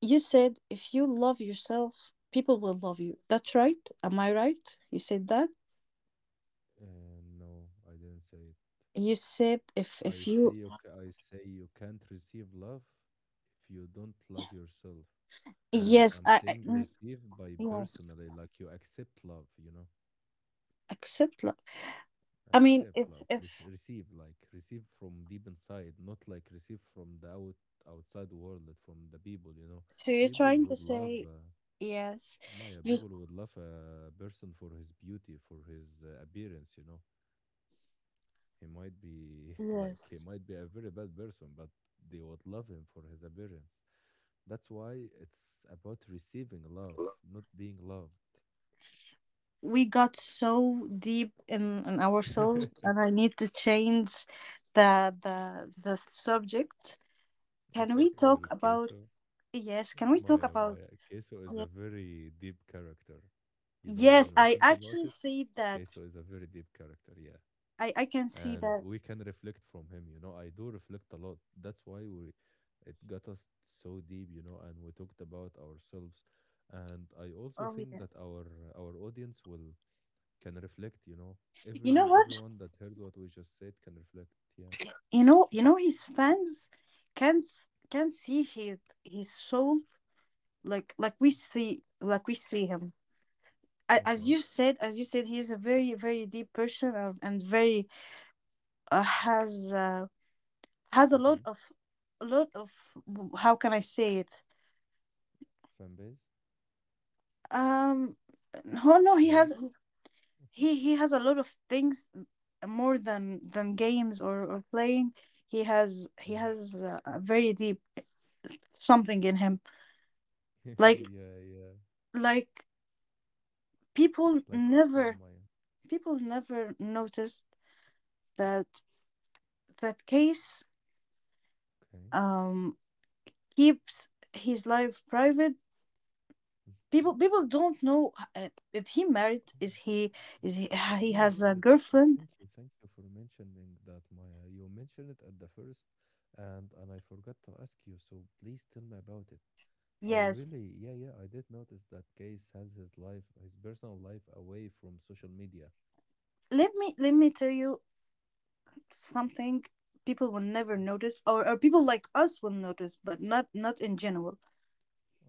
S2: You said if you love yourself, people will love you. That's right. Am I right? You said that.
S1: And no, I didn't say it.
S2: You said if
S1: I
S2: if
S1: say
S2: you —
S1: you, ca- I say you can't receive love if you don't love yourself. And
S2: yes,
S1: I'm
S2: I, I
S1: saying
S2: mm,
S1: receive by
S2: yes,
S1: personally, like you accept love, you know,
S2: accept love. I mean,
S1: accept
S2: if
S1: love.
S2: if
S1: Rece- receive, like receive from deep inside, not like receive from the out, outside world, like from the people, you know.
S2: so, you're
S1: People
S2: trying
S1: would
S2: to
S1: love,
S2: say,
S1: uh,
S2: yes,
S1: Maya,
S2: you
S1: people would love a person for his beauty, for his uh, appearance, you know. He might be like he
S2: yes.
S1: might be a very bad person, but they would love him for his appearance. That's why it's about receiving love, not being loved.
S2: We got so deep in, in our soul,
S1: okay,
S2: and I need to change the the the subject. Can we talk
S1: well,
S2: about —
S1: Queso,
S2: yes, can we talk
S1: Maya,
S2: about —
S1: Maya, Queso is a
S2: yeah.
S1: very deep character. You know,
S2: Yes,
S1: when we
S2: I
S1: think about
S2: actually
S1: it,
S2: see that.
S1: Queso is a very deep character. Yeah.
S2: I i can see
S1: And
S2: that.
S1: we can reflect from him, you know I do reflect a lot. That's why we it got us so deep, you know and we talked about ourselves. And I also
S2: Oh
S1: think
S2: yeah.
S1: that our our audience will can reflect, you know
S2: You
S1: every
S2: know what,
S1: everyone that heard what we just said can reflect. Yeah.
S2: you know you know, his fans can s- can see his his soul, like like we see like we see him. A- as
S1: Okay.
S2: you said as you said he's a very, very deep person, and and very, uh, has, uh, has a lot
S1: Mm-hmm.
S2: of, a lot of how can I say it?
S1: Fan base.
S2: Um, no, no, he has,
S1: Traits.
S2: he he has a lot of things, uh, more than than games or or playing. He has he
S1: Yeah.
S2: has a, a very deep something in him. Like
S1: Yeah, yeah.
S2: like people
S1: Like a soul
S2: never
S1: mine.
S2: people never noticed that that Case
S1: Okay.
S2: um keeps his life private.
S1: Mhm.
S2: People people don't know, uh, if he married, is
S1: Oh.
S2: he, is he he
S1: Wait,
S2: has a
S1: wait. s-
S2: girlfriend.
S1: Thank you, thank you for mentioning that, Maya. You mentioned it at the first, and and I forgot to ask you. So please tell me about it. I
S2: Yes,
S1: really, yeah, yeah, I did notice that Case has his life, his personal life, away from social media.
S2: let me let me tell you something. People will never
S1: Okay,
S2: notice, or, or people like us will notice, but not not in general.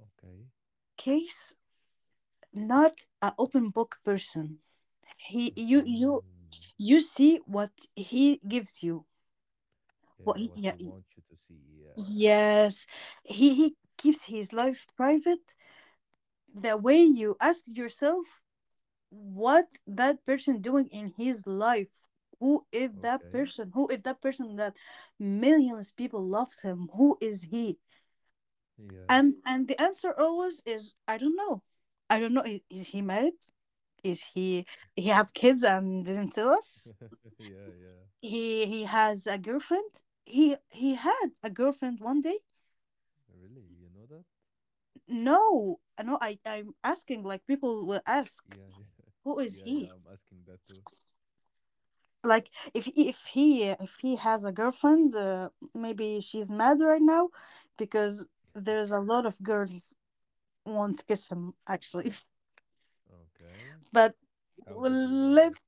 S1: okay.
S2: Case not an open book person. He you you
S1: Hmm.
S2: You see what he gives you. What
S1: Yeah,
S2: he —
S1: what
S2: yeah.
S1: he wants you to see. Yeah.
S2: Yes, he he keeps his life private. The way you ask yourself, what that person doing in his life, who is that
S1: Okay.
S2: person, who is that person that millions people loves him. Who is he?
S1: Yeah.
S2: And and the answer always is, I don't know. i don't know is, is he married? Is he he have kids and didn't tell us?
S1: Yeah, yeah.
S2: He he has a girlfriend, he he had a girlfriend one day.
S1: Really, you know that?
S2: No, no, i i'm asking like people will ask,
S1: Yeah, yeah,
S2: who is
S1: yeah,
S2: he.
S1: yeah. I'm asking that too.
S2: Like if if he if he has a girlfriend, uh, maybe she's mad right now, because there's a lot of girls want to kiss him actually.
S1: Okay.
S2: But
S1: How
S2: well,
S1: did you know
S2: let —
S1: that?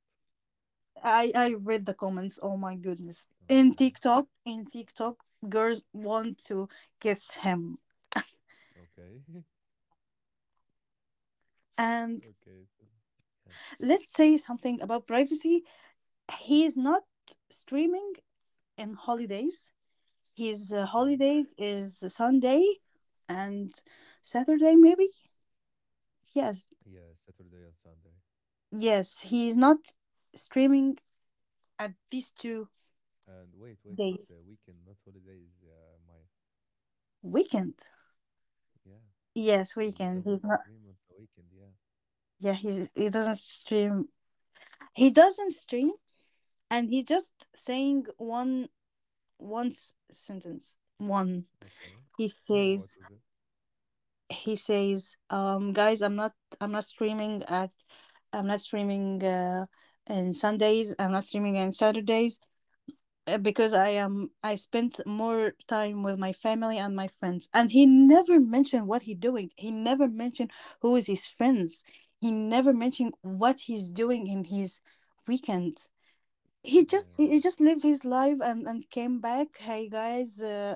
S2: i i read the comments, oh my goodness. In
S1: Okay.
S2: tiktok in TikTok, girls want to kiss him.
S1: Okay.
S2: And
S1: Okay. so- Yeah.
S2: let's say something about privacy. He's not streaming in holidays. His uh,
S1: Okay.
S2: holidays is Sunday and Saturday, maybe. Yes,
S1: Yeah, Saturday and Sunday.
S2: yes, he's not streaming at these two
S1: And wait, wait, it's
S2: days.
S1: a weekend, not holidays, uh, Maya.
S2: Weekend.
S1: Yeah.
S2: Yes,
S1: He
S2: weekend.
S1: doesn't
S2: He's not.
S1: stream on the weekend. Yeah.
S2: Yeah, he he doesn't stream. He doesn't stream, and he just saying one one s- sentence. One.
S1: Okay.
S2: He says
S1: What was it?
S2: he says, um, "Guys, I'm not I'm not streaming at, I'm not streaming uh, in Sundays. I'm not streaming on Saturdays, uh, because I am I spent more time with my family and my friends." And he never mentioned what he doing. He never mentioned who is his friends. He never mentioned what he's doing in his weekend. He just he he
S1: Yeah.
S2: just lived his life and and came back. "Hey guys, uh,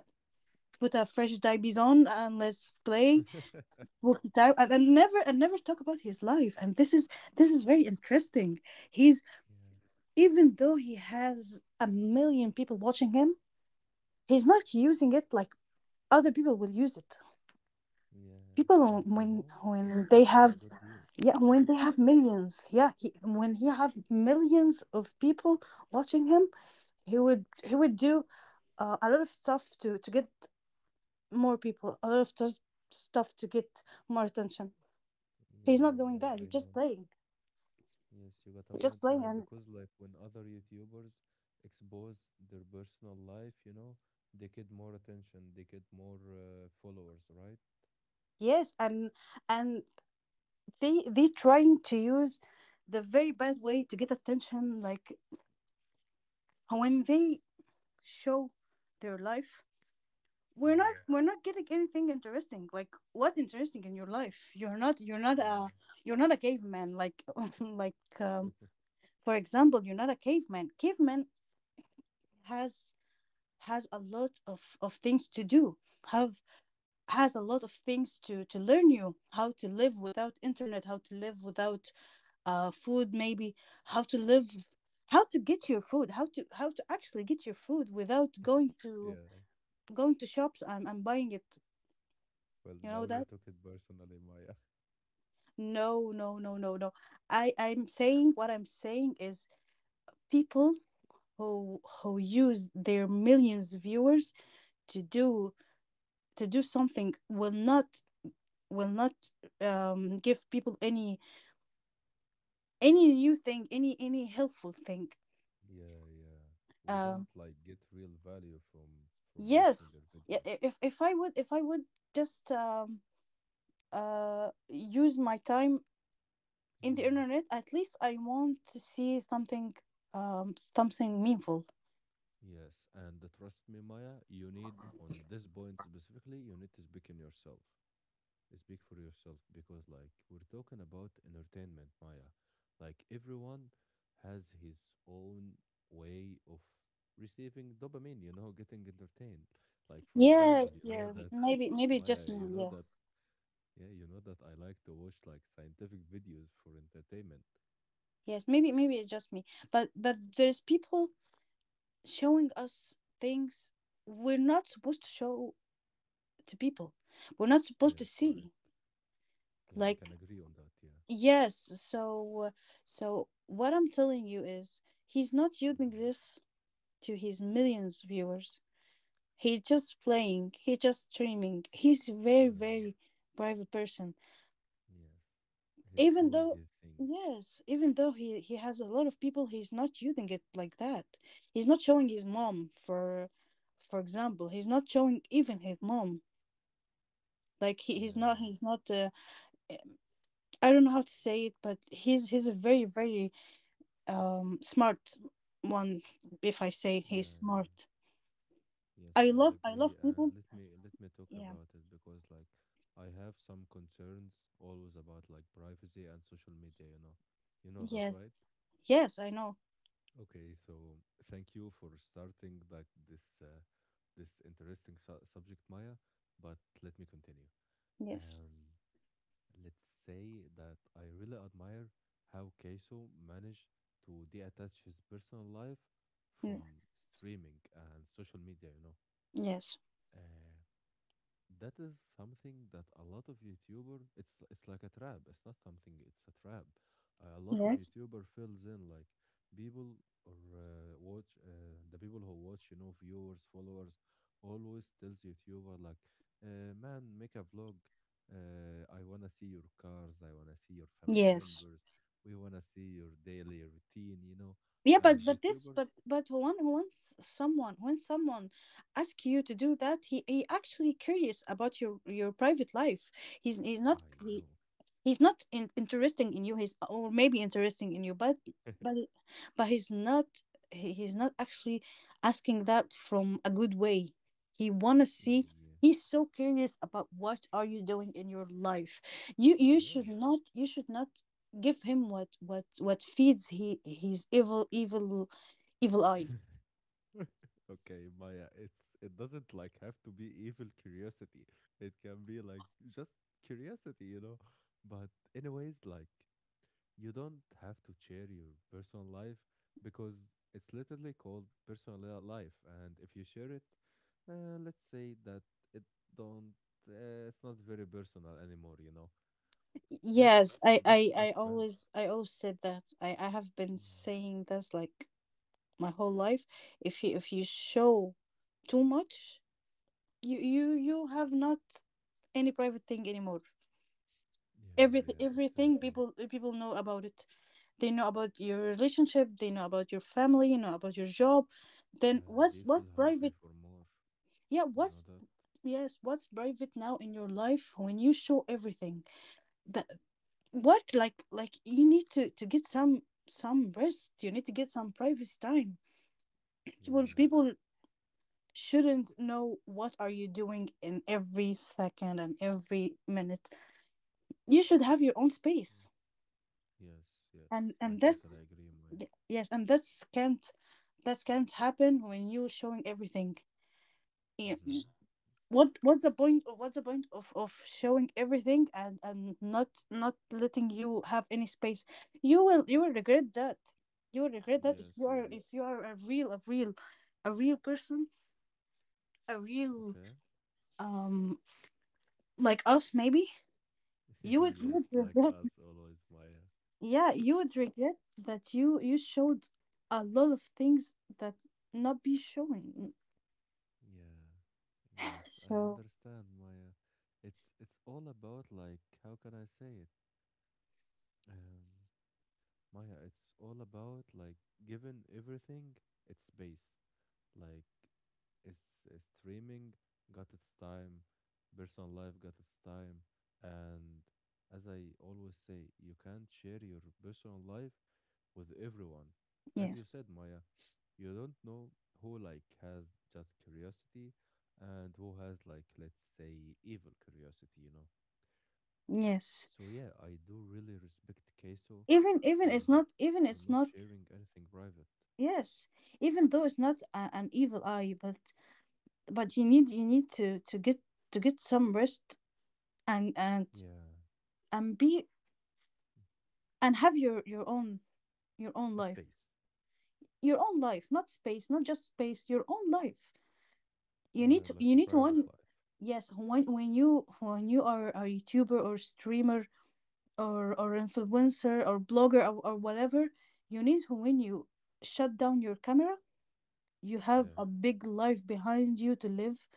S2: put a fresh diabetes on and let's play." Work it out, and, and never and never talk about his life. And this is this is very interesting. He's
S1: Yeah.
S2: even though he has a million people watching him, he's not using it like other people will use it.
S1: Yeah.
S2: people
S1: And
S2: who-
S1: you
S2: when
S1: know, it's
S2: when they
S1: actually
S2: have
S1: a good deal.
S2: yeah, when they have millions, yeah, he, when he have millions of people watching him, he would he would do uh, a lot of stuff to to get more people, a lot of tus- stuff to get more attention. He's
S1: Yeah.
S2: not doing
S1: Yeah.
S2: that, he's
S1: I
S2: just
S1: know.
S2: playing,
S1: Yes, you got a point,
S2: just playing.
S1: Maya,
S2: and
S1: because like when other YouTubers expose their personal life, you know, they get more attention, they get more uh, followers, right?
S2: yes and and they they trying to use the very bad way to get attention, like when they show their life, we're not
S1: Yeah,
S2: we're not getting anything interesting. Like, what interesting in your life? You're not you're not a
S1: yeah,
S2: you're not a caveman, like like um, for example, you're not a caveman. Caveman has has a lot of of things to do, have has a lot of things to to learn you, how to live without internet, how to live without uh food maybe, how to live, how to get your food, how to how to actually get your food without going to
S1: yeah.
S2: going to shops and, and buying it,
S1: Well,
S2: you know
S1: now you
S2: that.
S1: took it personally, Maya.
S2: No, no, no, no, no. I I'm saying, what I'm saying is people who who use their millions of viewers to do, to do something, will not, will not um give people any any new thing, any any helpful thing.
S1: Yeah, yeah. We
S2: Um
S1: don't like get real value from from watching their
S2: yes, yeah,
S1: videos.
S2: i- if if I would if I would just um uh use my time in the
S1: Yeah.
S2: internet. At least I want to see something, um something meaningful.
S1: Yes, and uh, trust me, Maya, you need on this point specifically, you need to speak in yourself. Speak for yourself because, like, we're talking about entertainment, Maya. Like, everyone has his own way of receiving dopamine, you know, getting entertained. Like, for example,
S2: Yes,
S1: you know
S2: yeah,
S1: that,
S2: maybe maybe it's
S1: Maya,
S2: just
S1: you
S2: me.
S1: know that,
S2: Yes,
S1: yeah, you know that I like to watch like scientific videos for entertainment.
S2: yes, maybe maybe it's just me. But but there's people showing us things we're not supposed to show to people. We're not supposed to
S1: Yes, right.
S2: see.
S1: Yeah, I can
S2: Like,
S1: agree on that. Yeah.
S2: yes, so uh, so what I'm telling you is he's not using
S1: Hmm.
S2: this to his millions of viewers. He's just playing. He's just streaming. He's a very,
S1: Yeah.
S2: very private person.
S1: Yes. He's
S2: Even
S1: doing
S2: though,
S1: his thing.
S2: yes, even though he he has a lot of people, he's not using it like that. He's not showing his mom for for example, he's not showing even his mom. Like, he, he's not,
S1: Yeah.
S2: he's not uh, I don't know how to say it, but he's he's a very, very um smart one, if I say he's
S1: Yeah.
S2: smart.
S1: Yes,
S2: I
S1: I
S2: love, I
S1: agree.
S2: love
S1: And
S2: people,
S1: let me let me talk
S2: yeah,
S1: about it because like I have some concerns always about like privacy and social media, you know. You know that,
S2: yes,
S1: right?
S2: yes, I know,
S1: Okay, so thank you for starting like this uh, this interesting su subject, Maya, but let me continue.
S2: yes.
S1: Um, let's say that I really admire how Keiso managed to detach his personal life
S2: Mm,
S1: from streaming and social media, you know.
S2: yes,
S1: Uh, That is something that a lot of YouTuber it's it's like a trap. It's not something, it's a trap. A lot of
S2: yes.
S1: YouTuber fills in like people or uh, watch uh, the people who watch, you know, viewers, followers always tells YouTuber like, uh, man, make a vlog. Uh, I wanna see your cars. I wanna see your family
S2: Yes.
S1: members. We wanna see your daily routine, you know.
S2: Yeah,
S1: And
S2: but but this
S1: YouTubers,
S2: but but when when s- someone, when someone asks you to do that, he he actually curious about your your private life. He's he's not
S1: I know.
S2: he's not in, interesting in you. He's, or maybe interesting in you, but but but he's not, he- he's not actually asking that from a good way. He want to see,
S1: Yeah.
S2: he's so curious about what are you doing in your life. you you should
S1: Yes.
S2: not, you should not give him what what what feeds he his evil, evil, evil eye.
S1: Okay, Maya, it's it doesn't like have to be evil curiosity. It can be like just curiosity, you know. But anyways, like you don't have to share your personal life because it's literally called personal li- life. And if you share it, uh, let's say that it don't uh, it's not very personal anymore, you know.
S2: Yes,
S1: That's
S2: I,
S1: that's
S2: I,
S1: the
S2: I
S1: trap.
S2: always, I always said that. I, I have been
S1: Yeah.
S2: saying this like my whole life. If you, if you show too much, you you you have not any private thing anymore.
S1: Yeah, yeah,
S2: Everything, everything
S1: exactly.
S2: people, eh, people know about it. They know about your relationship, they know about your family, you know about your job, then
S1: And they
S2: what's what's
S1: feel hungry
S2: private?
S1: for more.
S2: Yeah,
S1: You know
S2: what's,
S1: that?
S2: yes, what's private now in your life when you show everything that? What, like like you need to to get some some rest. You need to get some privacy time. People,
S1: Yeah.
S2: people shouldn't know what are you doing in every second and every minute. You should have your own
S1: Mm.
S2: space.
S1: Yes, yes,
S2: and
S1: I
S2: and
S1: totally
S2: that's
S1: agree, Maya.
S2: y- yes, and that's can't, that can't happen when you're showing everything. Yeah. y-
S1: Hmm.
S2: what what's the point? Of what's the point of of showing everything and and not, not letting you have any space? You will, you will regret that. You will regret that if
S1: Yes,
S2: you are, if
S1: yes.
S2: you are a real, a real, a real person, a real
S1: Okay.
S2: um like us maybe. You would, you would
S1: Yes, like
S2: regret,
S1: us always, Maya.
S2: yeah, you would regret that you you showed a lot of things that not be showing.
S1: Yeah. Yes, I
S2: So
S1: understand, Maya. It's it's all about like how can I say it? Um, Maya, it's all about like giving everything its space. Like, is is streaming got its time, personal life got its time, and as I always say, you can't share your personal life with everyone. As you
S2: yes,
S1: said, Maya, you don't know who like has just curiosity and who has like let's say evil curiosity, you know.
S2: yes.
S1: So yeah, I do really respect Queso
S2: Even even it's
S1: for
S2: not, even
S1: for
S2: it's
S1: not
S2: not
S1: sharing anything private.
S2: Yes. Even though it's not a, an evil eye, but but you need, you need to to get, to get some rest, and and
S1: Yeah,
S2: and be, and have your your own, your own
S1: a
S2: life,
S1: space.
S2: your own life, not space, not just space, your own life. You need
S1: Yeah,
S2: to,
S1: like
S2: you
S1: a
S2: need
S1: private
S2: one.
S1: life.
S2: Yes, when when you, when you are a YouTuber or streamer, or or influencer or blogger or, or whatever, you need to, when you shut down your camera, you have
S1: Yeah,
S2: a big life behind you to live,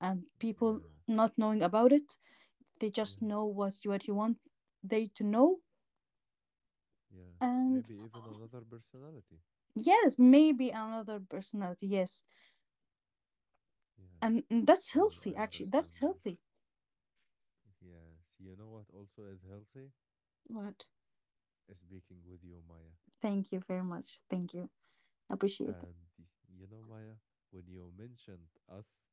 S2: and people
S1: yeah,
S2: not knowing about it, they just
S1: yeah,
S2: know what, you what you want they to know,
S1: yeah.
S2: and
S1: Maybe even another personality.
S2: yes, maybe another personality, yes,
S1: Yeah,
S2: and, and that's
S1: I I
S2: healthy actually. That's
S1: understand my.
S2: healthy.
S1: Yes, you know what also is healthy?
S2: What?
S1: Is speaking with you, Maya.
S2: Thank you very much. Thank you. Appreciate that.
S1: And y- you know, Maya, when you mentioned us,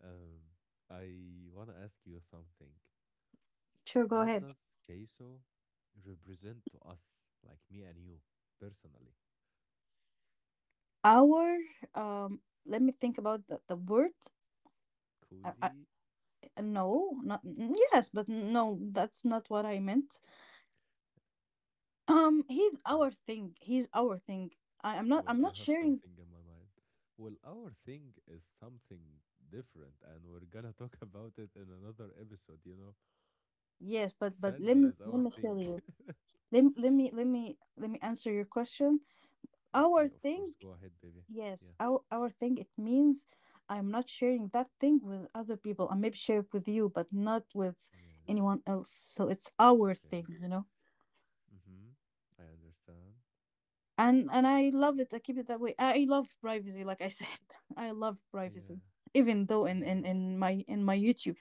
S1: um, I want to ask you something.
S2: Sure, go
S1: What
S2: ahead.
S1: does Queso represent to us, like me and you, personally?
S2: Our um, let me think about the, the word. I, I,
S1: Cozy?
S2: uh, no, not mm, yes, but no, that's not what I meant. Um, he's our thing. He's our thing. I, I'm not.
S1: Well,
S2: I'm
S1: I
S2: not
S1: have
S2: sharing.
S1: something in my mind. Well, our thing is something different, and we're gonna talk about it in another episode, you know?
S2: Yes, but but let
S1: Sandy
S2: me,
S1: is our
S2: let me tell
S1: thing.
S2: you. Let, me- let me, let me let me answer your question.
S1: Okay,
S2: Our
S1: of course.
S2: thing.
S1: Go ahead, baby.
S2: Yes,
S1: Yeah.
S2: our our thing. It means I'm not sharing that thing with other people. I maybe share it with you, but not with
S1: Yeah.
S2: anyone else. So it's our
S1: Okay.
S2: thing. You know.
S1: Mm-hmm. I understand.
S2: and and I love it, I keep it that way. I love privacy. Like I said, I love
S1: Yeah.
S2: privacy, even though in in,
S1: Yeah.
S2: in my in my YouTube,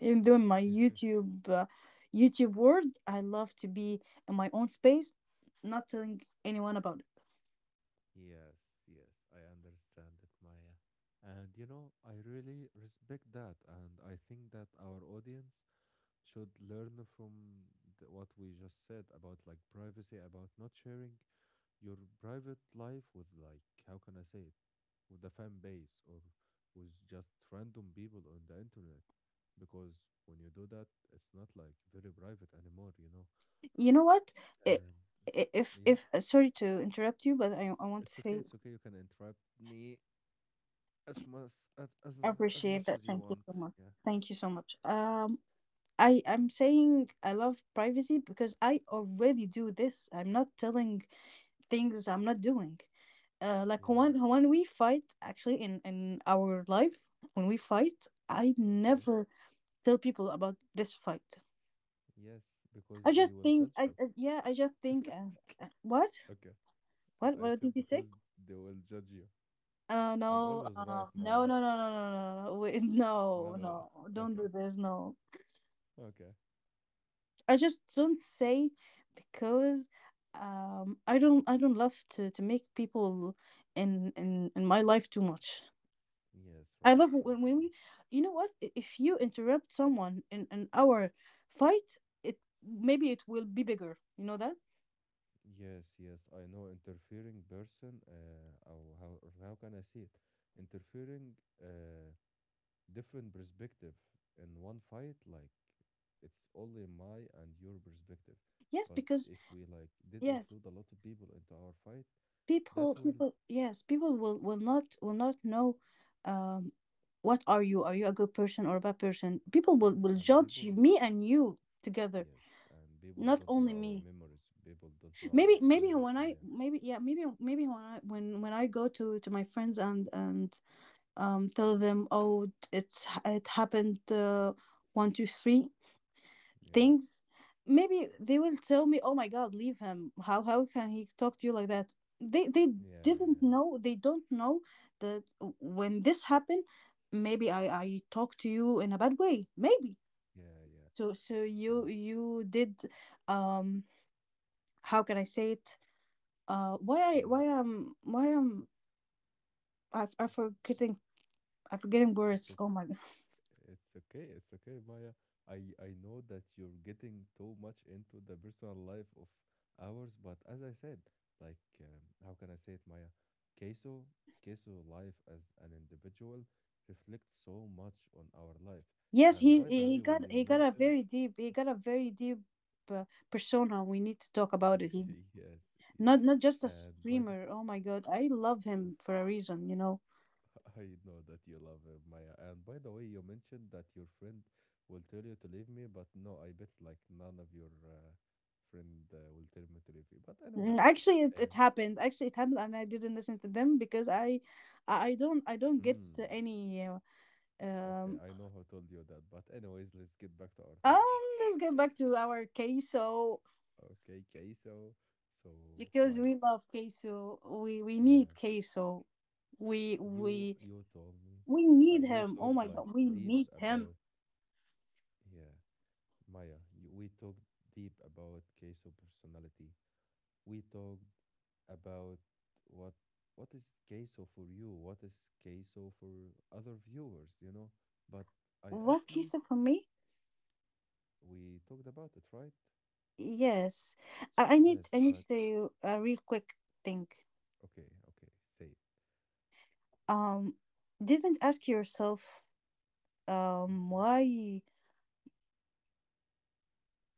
S2: even though in my YouTube uh, YouTube world, I love to be in my own space, not telling anyone about it.
S1: Yes, yes, I understand it, Maya. And you know, I really respect that. And I think that our audience should learn from the, what we just said about like privacy, about not sharing your private life with like, how can I say it, with the fan base or with just random people on the internet. Because when you do that, it's not like very private anymore, you know?
S2: You know what, I-
S1: And
S2: i- if
S1: yeah,
S2: if uh, sorry to interrupt you, but i, I want to
S1: it's okay.
S2: say
S1: It's okay. You can interrupt me As much as
S2: I
S1: as as
S2: appreciate
S1: much
S2: that.
S1: as you
S2: Thank you so
S1: want.
S2: much,
S1: Yeah.
S2: thank you so much. um I, I'm saying I love privacy because I already do this. I'm not telling things I'm not doing. Uh, like
S1: Yeah.
S2: when when we fight actually in in our life, when we fight, I
S1: Okay.
S2: never tell people about this fight.
S1: Yes,
S2: I
S1: because they
S2: just
S1: will
S2: think,
S1: judge
S2: I,
S1: you.
S2: I yeah, I just think, uh, uh, what,
S1: Okay.
S2: what
S1: I
S2: what did
S1: said
S2: you say?
S1: because they will judge you.
S2: Uh,
S1: I'm
S2: no,
S1: always
S2: um,
S1: right,
S2: no,
S1: Maya.
S2: no, no, no, no, no, no, wait,
S1: No,
S2: no,
S1: no, no.
S2: no, don't do
S1: Okay.
S2: this, no.
S1: Okay.
S2: I just don't say, because um, I don't, I don't love to to make people in in in my life too much.
S1: Yes,
S2: I
S1: right,
S2: love
S1: right,
S2: when, when
S1: Maya.
S2: we, you know what? i- If you interrupt someone in an hour fight, it maybe it will be bigger. You know that?
S1: Yes, yes. I know interfering person, uh, or how, or how can I say it? Interfering, uh, different perspective in one fight like it's only my and your perspective,
S2: Yes,
S1: but
S2: because
S1: if we like did
S2: yes,
S1: include a lot of people into our fight,
S2: people,
S1: that will,
S2: people, yes, people will will not, will not know, um, what are you? Are you a good person or a bad person? People will
S1: yeah,
S2: will
S1: and
S2: judge
S1: people,
S2: me and you together,
S1: yes, and people
S2: not
S1: don't know
S2: only
S1: our
S2: me.
S1: memories, people don't know our
S2: Maybe, maybe
S1: stories,
S2: when I,
S1: Maya.
S2: maybe yeah, maybe, maybe when I, when when I go to to my friends and and um, tell them, oh, it's it happened, uh, one, two, three
S1: Yeah,
S2: things. Maybe they will tell me, oh my God, leave him. How how can he talk to you like that? They they
S1: yeah,
S2: didn't
S1: yeah,
S2: know. They don't know that, when this happened, maybe I I talked to you in a bad way. Maybe,
S1: yeah, yeah.
S2: so so you
S1: But
S2: you did, um how can I say it? Uh, why I
S1: yeah,
S2: why am why am I, I'm forgetting, I'm forgetting
S1: it's
S2: words. Oh my.
S1: it's okay, it's okay, Maya. I I know that you're getting too much into the personal life of ours, but as I said, like um, how can I say it, Maya? Queso, queso life as an individual reflects so much on our life.
S2: Yes,
S1: And
S2: he's,
S1: by the
S2: he he
S1: way,
S2: got,
S1: when you
S2: he got a
S1: mentioned
S2: very deep, he got a very deep uh, persona. We need to talk about it. He
S1: yes,
S2: not,
S1: yes,
S2: not just a
S1: and by the
S2: streamer. Oh my God, I love him for a reason. You know,
S1: I know that you love him, Maya. And by the way, you mentioned that your friend will tell you to leave me, but no, I bet like none of your uh, friend uh, will tell me to leave you. But
S2: mm,
S1: anyways,
S2: actually, it, it
S1: uh,
S2: happened. Actually, it happened, and I didn't listen to them because I I I don't, I don't get to
S1: hmm,
S2: any uh,
S1: okay,
S2: um
S1: I know who told you that. But anyways, let's get back to our
S2: um.
S1: topic.
S2: Let's get back to our queso,
S1: Okay, okay. So, so
S2: because
S1: Maya,
S2: we love queso. We we
S1: yeah,
S2: need queso. We
S1: you
S2: we
S1: you told me,
S2: we
S1: uh,
S2: need
S1: we
S2: him. Oh
S1: talked
S2: my
S1: like
S2: God, we
S1: deep
S2: need him.
S1: about, yeah, Maya. You, we talked deep about Case personality, we talked about what what is Queso for you, what is Queso for other viewers, you know. But I
S2: What
S1: actually
S2: queso for me?
S1: we talked about it, right?
S2: Yes, I I need,
S1: Yes,
S2: I need to
S1: but
S2: tell you a real quick thing.
S1: okay, okay, say it.
S2: Um, didn't ask yourself, um
S1: Mhm.
S2: why,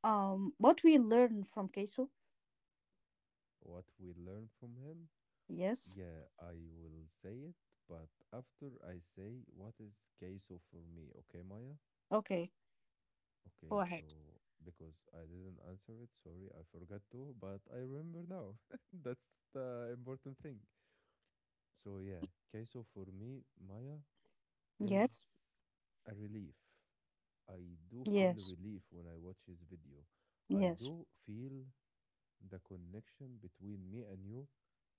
S2: um what we learn from queso?
S1: What we learned from him?
S2: Yes.
S1: Yeah, I will say it, but after I say what is Queso for me, okay, Maya?
S2: Okay, go
S1: Okay,
S2: ahead.
S1: so because I didn't answer it, sorry, I forgot to, but I remember now. That's the important thing. So yeah, Queso for me, Maya,
S2: Yes.
S1: is a relief. I do feel
S2: Yes.
S1: relief when I watch his video. I
S2: Yes.
S1: do feel the connection between me and you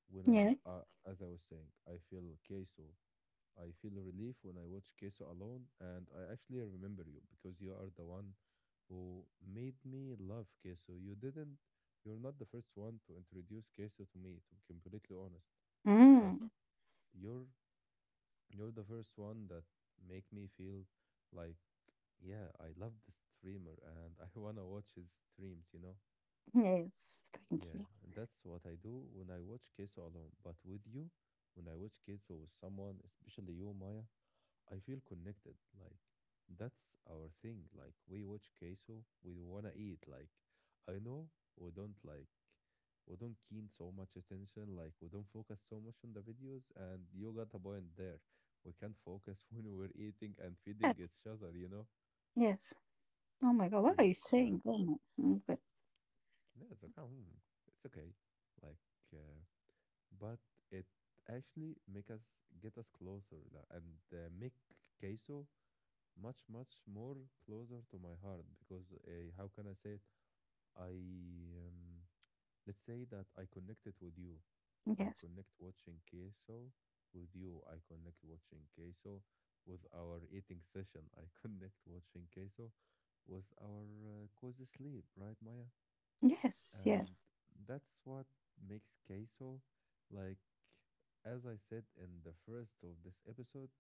S1: when
S2: Yeah.
S1: I'm, uh, as I was saying, I feel Queso. I feel relief when I watch Queso alone, and I actually remember you because you are the one who made me love Queso. You didn't, you're not the first one to introduce Queso to me, to be completely honest, but
S2: Mm.
S1: your you're the first one that make me feel like, yeah, I love the streamer, and I wanna watch his streams you know
S2: Yes. Thank
S1: Yeah,
S2: you.
S1: and that's what I do when I watch Queso alone. But with you, when I watch Queso with someone, especially you, Maya, I feel connected. Like, that's our thing. Like, we watch Queso, we wanna eat. Like, I know we don't like we don't keen so much attention. Like, we don't focus so much on the videos. And you got a point there. We can't focus when we're eating and feeding
S2: Yes.
S1: each other. You know.
S2: Yes. Oh my God, what are
S1: Yes,
S2: you
S1: but
S2: saying? Oh my. Mm, good.
S1: no, it's okay. mm, It's okay. Like, uh, but it actually make us get us closer like, and uh, make Queso much much more closer to my heart because uh, how can I say it? I um, let's say that I connected with you. I
S2: Yes.
S1: connect watching Queso with you. I connect watching Queso with our eating session. I connect watching Queso with our uh, cozy sleep, right, Maya?
S2: Yes.
S1: And
S2: Yes.
S1: that's what makes Queso like, as I said in the first of this episode.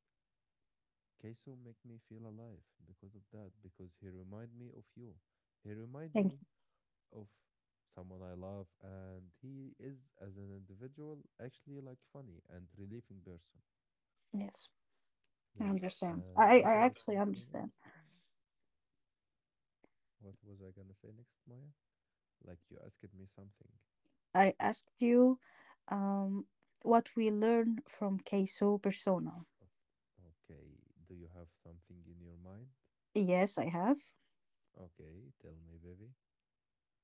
S1: Queso make me feel alive because of that, because he remind me of you. He remind
S2: Thank
S1: me
S2: you.
S1: of someone I love, and he is, as an individual, actually like funny and relieving person.
S2: Yes. I
S1: Yes,
S2: understand.
S1: and
S2: I I
S1: what
S2: I
S1: I was
S2: actually
S1: gonna say
S2: understand.
S1: next? What was I gonna say next, Maya? Like you asked me something.
S2: I asked you, um, what we learn from Keiso persona.
S1: O- Okay, do you have something in your mind?
S2: Yes, I have.
S1: Okay, tell me, baby.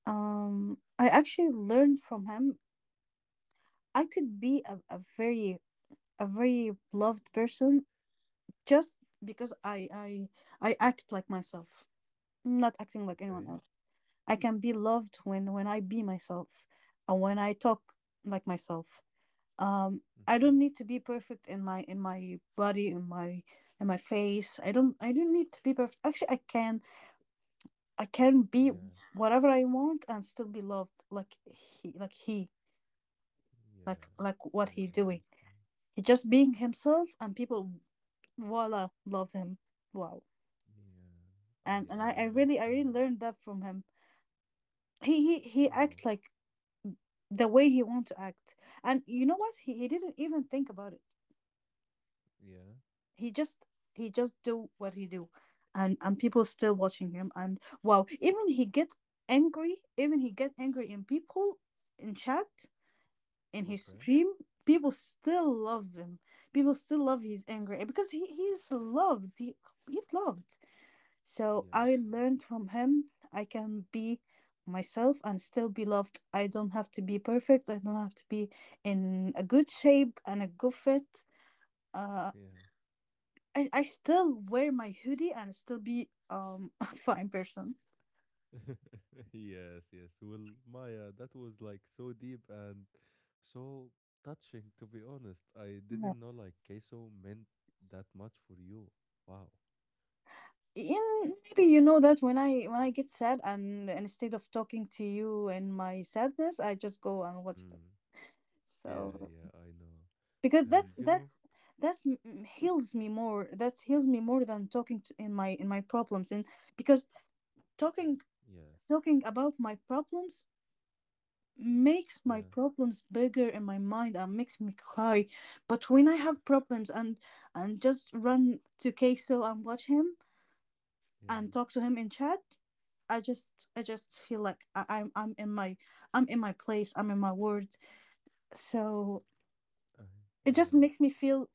S2: Um, I actually learned from him. I could be a, a very, a very loved person just because I I I act like myself, not acting like anyone
S1: Okay.
S2: else. I can be loved when when I be myself and when I talk like myself. um I
S1: Mm-hmm.
S2: don't need to be perfect in my, in my body, in my, in my face. I don't, I don't need to be perfect. Actually, I can, I can be
S1: Yeah,
S2: whatever I want and still be loved, like he like he like
S1: yeah,
S2: like
S1: I
S2: what he doing.
S1: understand.
S2: He just being himself, and people voila love him. Wow.
S1: Yeah, I
S2: and and
S1: I
S2: i, I really, I really
S1: understand.
S2: learned that from him. He he he
S1: Wow.
S2: act like the way he want to act, and you know what, he, he didn't even think about it.
S1: Yeah.
S2: He just, he just do what he do, and and people still watching him, and wow, even he get angry, even he get angry in people in chat in his
S1: Okay.
S2: stream. People still love him. People still love his anger, because he he's loved, he, he's loved. So I
S1: Yes,
S2: learned
S1: yes.
S2: from him, I can be myself and still be loved. I don't have to be perfect, I don't have to be in a good shape and a good fit. Uh.
S1: Yeah.
S2: I, I still wear my hoodie and still be um a fine person.
S1: Yes, yes. Well, Maya, that was like so deep and so touching, to be honest. I
S2: Yeah.
S1: didn't know like Queso meant that much for you. Wow.
S2: In, maybe you know that when I, when I get sad, and instead of talking to you in my sadness, I just go and watch them.
S1: Mm. Yeah,
S2: So
S1: yeah, I know.
S2: because that's
S1: And you know,
S2: that's that's m- m- heals me more. That heals me more than talking to, in my, in my problems. And because talking,
S1: yes.
S2: talking about my problems makes my
S1: Yeah,
S2: problems bigger in my mind and makes me cry. But when I have problems, and and just run to queso and watch him
S1: yeah.
S2: and talk to him in chat, I just, I just feel like I, i'm i'm in my, I'm in my place, I'm in my world. So
S1: I
S2: it just
S1: yeah,
S2: makes me feel,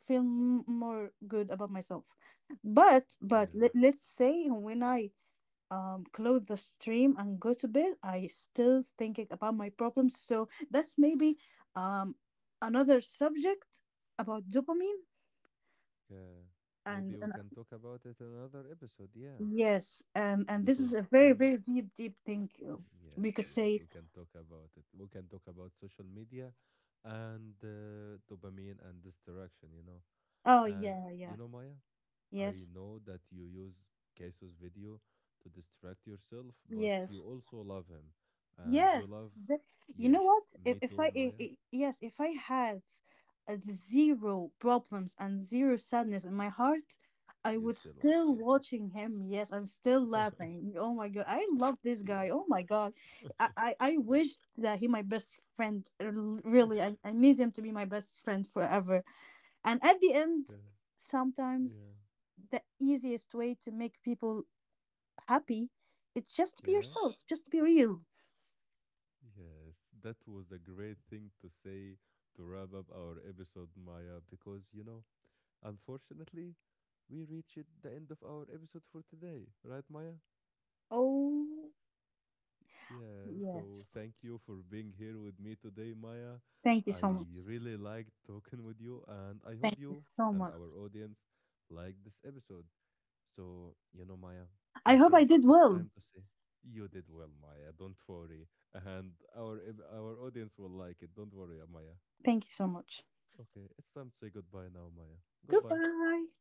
S2: feel m- more good about myself. but but
S1: yeah,
S2: let, let's say when I um, close the stream and go to bed, I still thinking about my problems. So that's maybe um, another subject about dopamine.
S1: yeah.
S2: And,
S1: Maybe
S2: and
S1: we
S2: uh,
S1: can talk about it another episode. Yeah.
S2: yes, and and this is a
S1: Because
S2: very,
S1: I,
S2: very deep, deep thing. Uh, we
S1: yes,
S2: could
S1: yes,
S2: say,
S1: we can talk about it. We can talk about social media and uh, dopamine and distraction, you know.
S2: oh
S1: And
S2: yeah, yeah,
S1: you know, Maya, I
S2: yes,
S1: know that you use Kaiso's video to distract yourself, but you
S2: yes.
S1: also love him, and you
S2: Yes,
S1: love,
S2: the- you know what,
S1: yes,
S2: If,
S1: me
S2: if I,
S1: too,
S2: I
S1: Maya.
S2: I yes, if I have uh, zero problems and zero sadness in my heart, I
S1: You
S2: would
S1: still watch
S2: still
S1: Kaiso.
S2: watching him, yes, and still laughing. Oh my God, I love this guy.
S1: Yeah.
S2: Oh my God, I, I, I
S1: Well,
S2: wish that he my best friend. uh, l- Really, I, I need him to be my best friend forever. And at the end,
S1: yeah.
S2: sometimes
S1: Yeah.
S2: the easiest way to make people happy, it's just to be
S1: Yeah.
S2: yourself, just to be real.
S1: Yes, that was a great thing to say to wrap up our episode, Maya, because, you know, unfortunately, we reached the end of our episode for today, right, Maya?
S2: Oh.
S1: Yeah, so
S2: Yes.
S1: thank you for being here with me today, Maya.
S2: Thank you
S1: I
S2: so much.
S1: really liked talking with you, and I hope
S2: Thank you
S1: you
S2: so
S1: and our
S2: much.
S1: audience liked this episode. So, you know, Maya,
S2: I
S1: I
S2: hope I
S1: think
S2: did
S1: it's
S2: well.
S1: time to say you did well, Maya. Don't worry, and our ev- our audience will like it. Don't worry, Maya.
S2: Thank you so much.
S1: Okay, it's time to say goodbye now, Maya. Goodbye.
S2: Goodbye.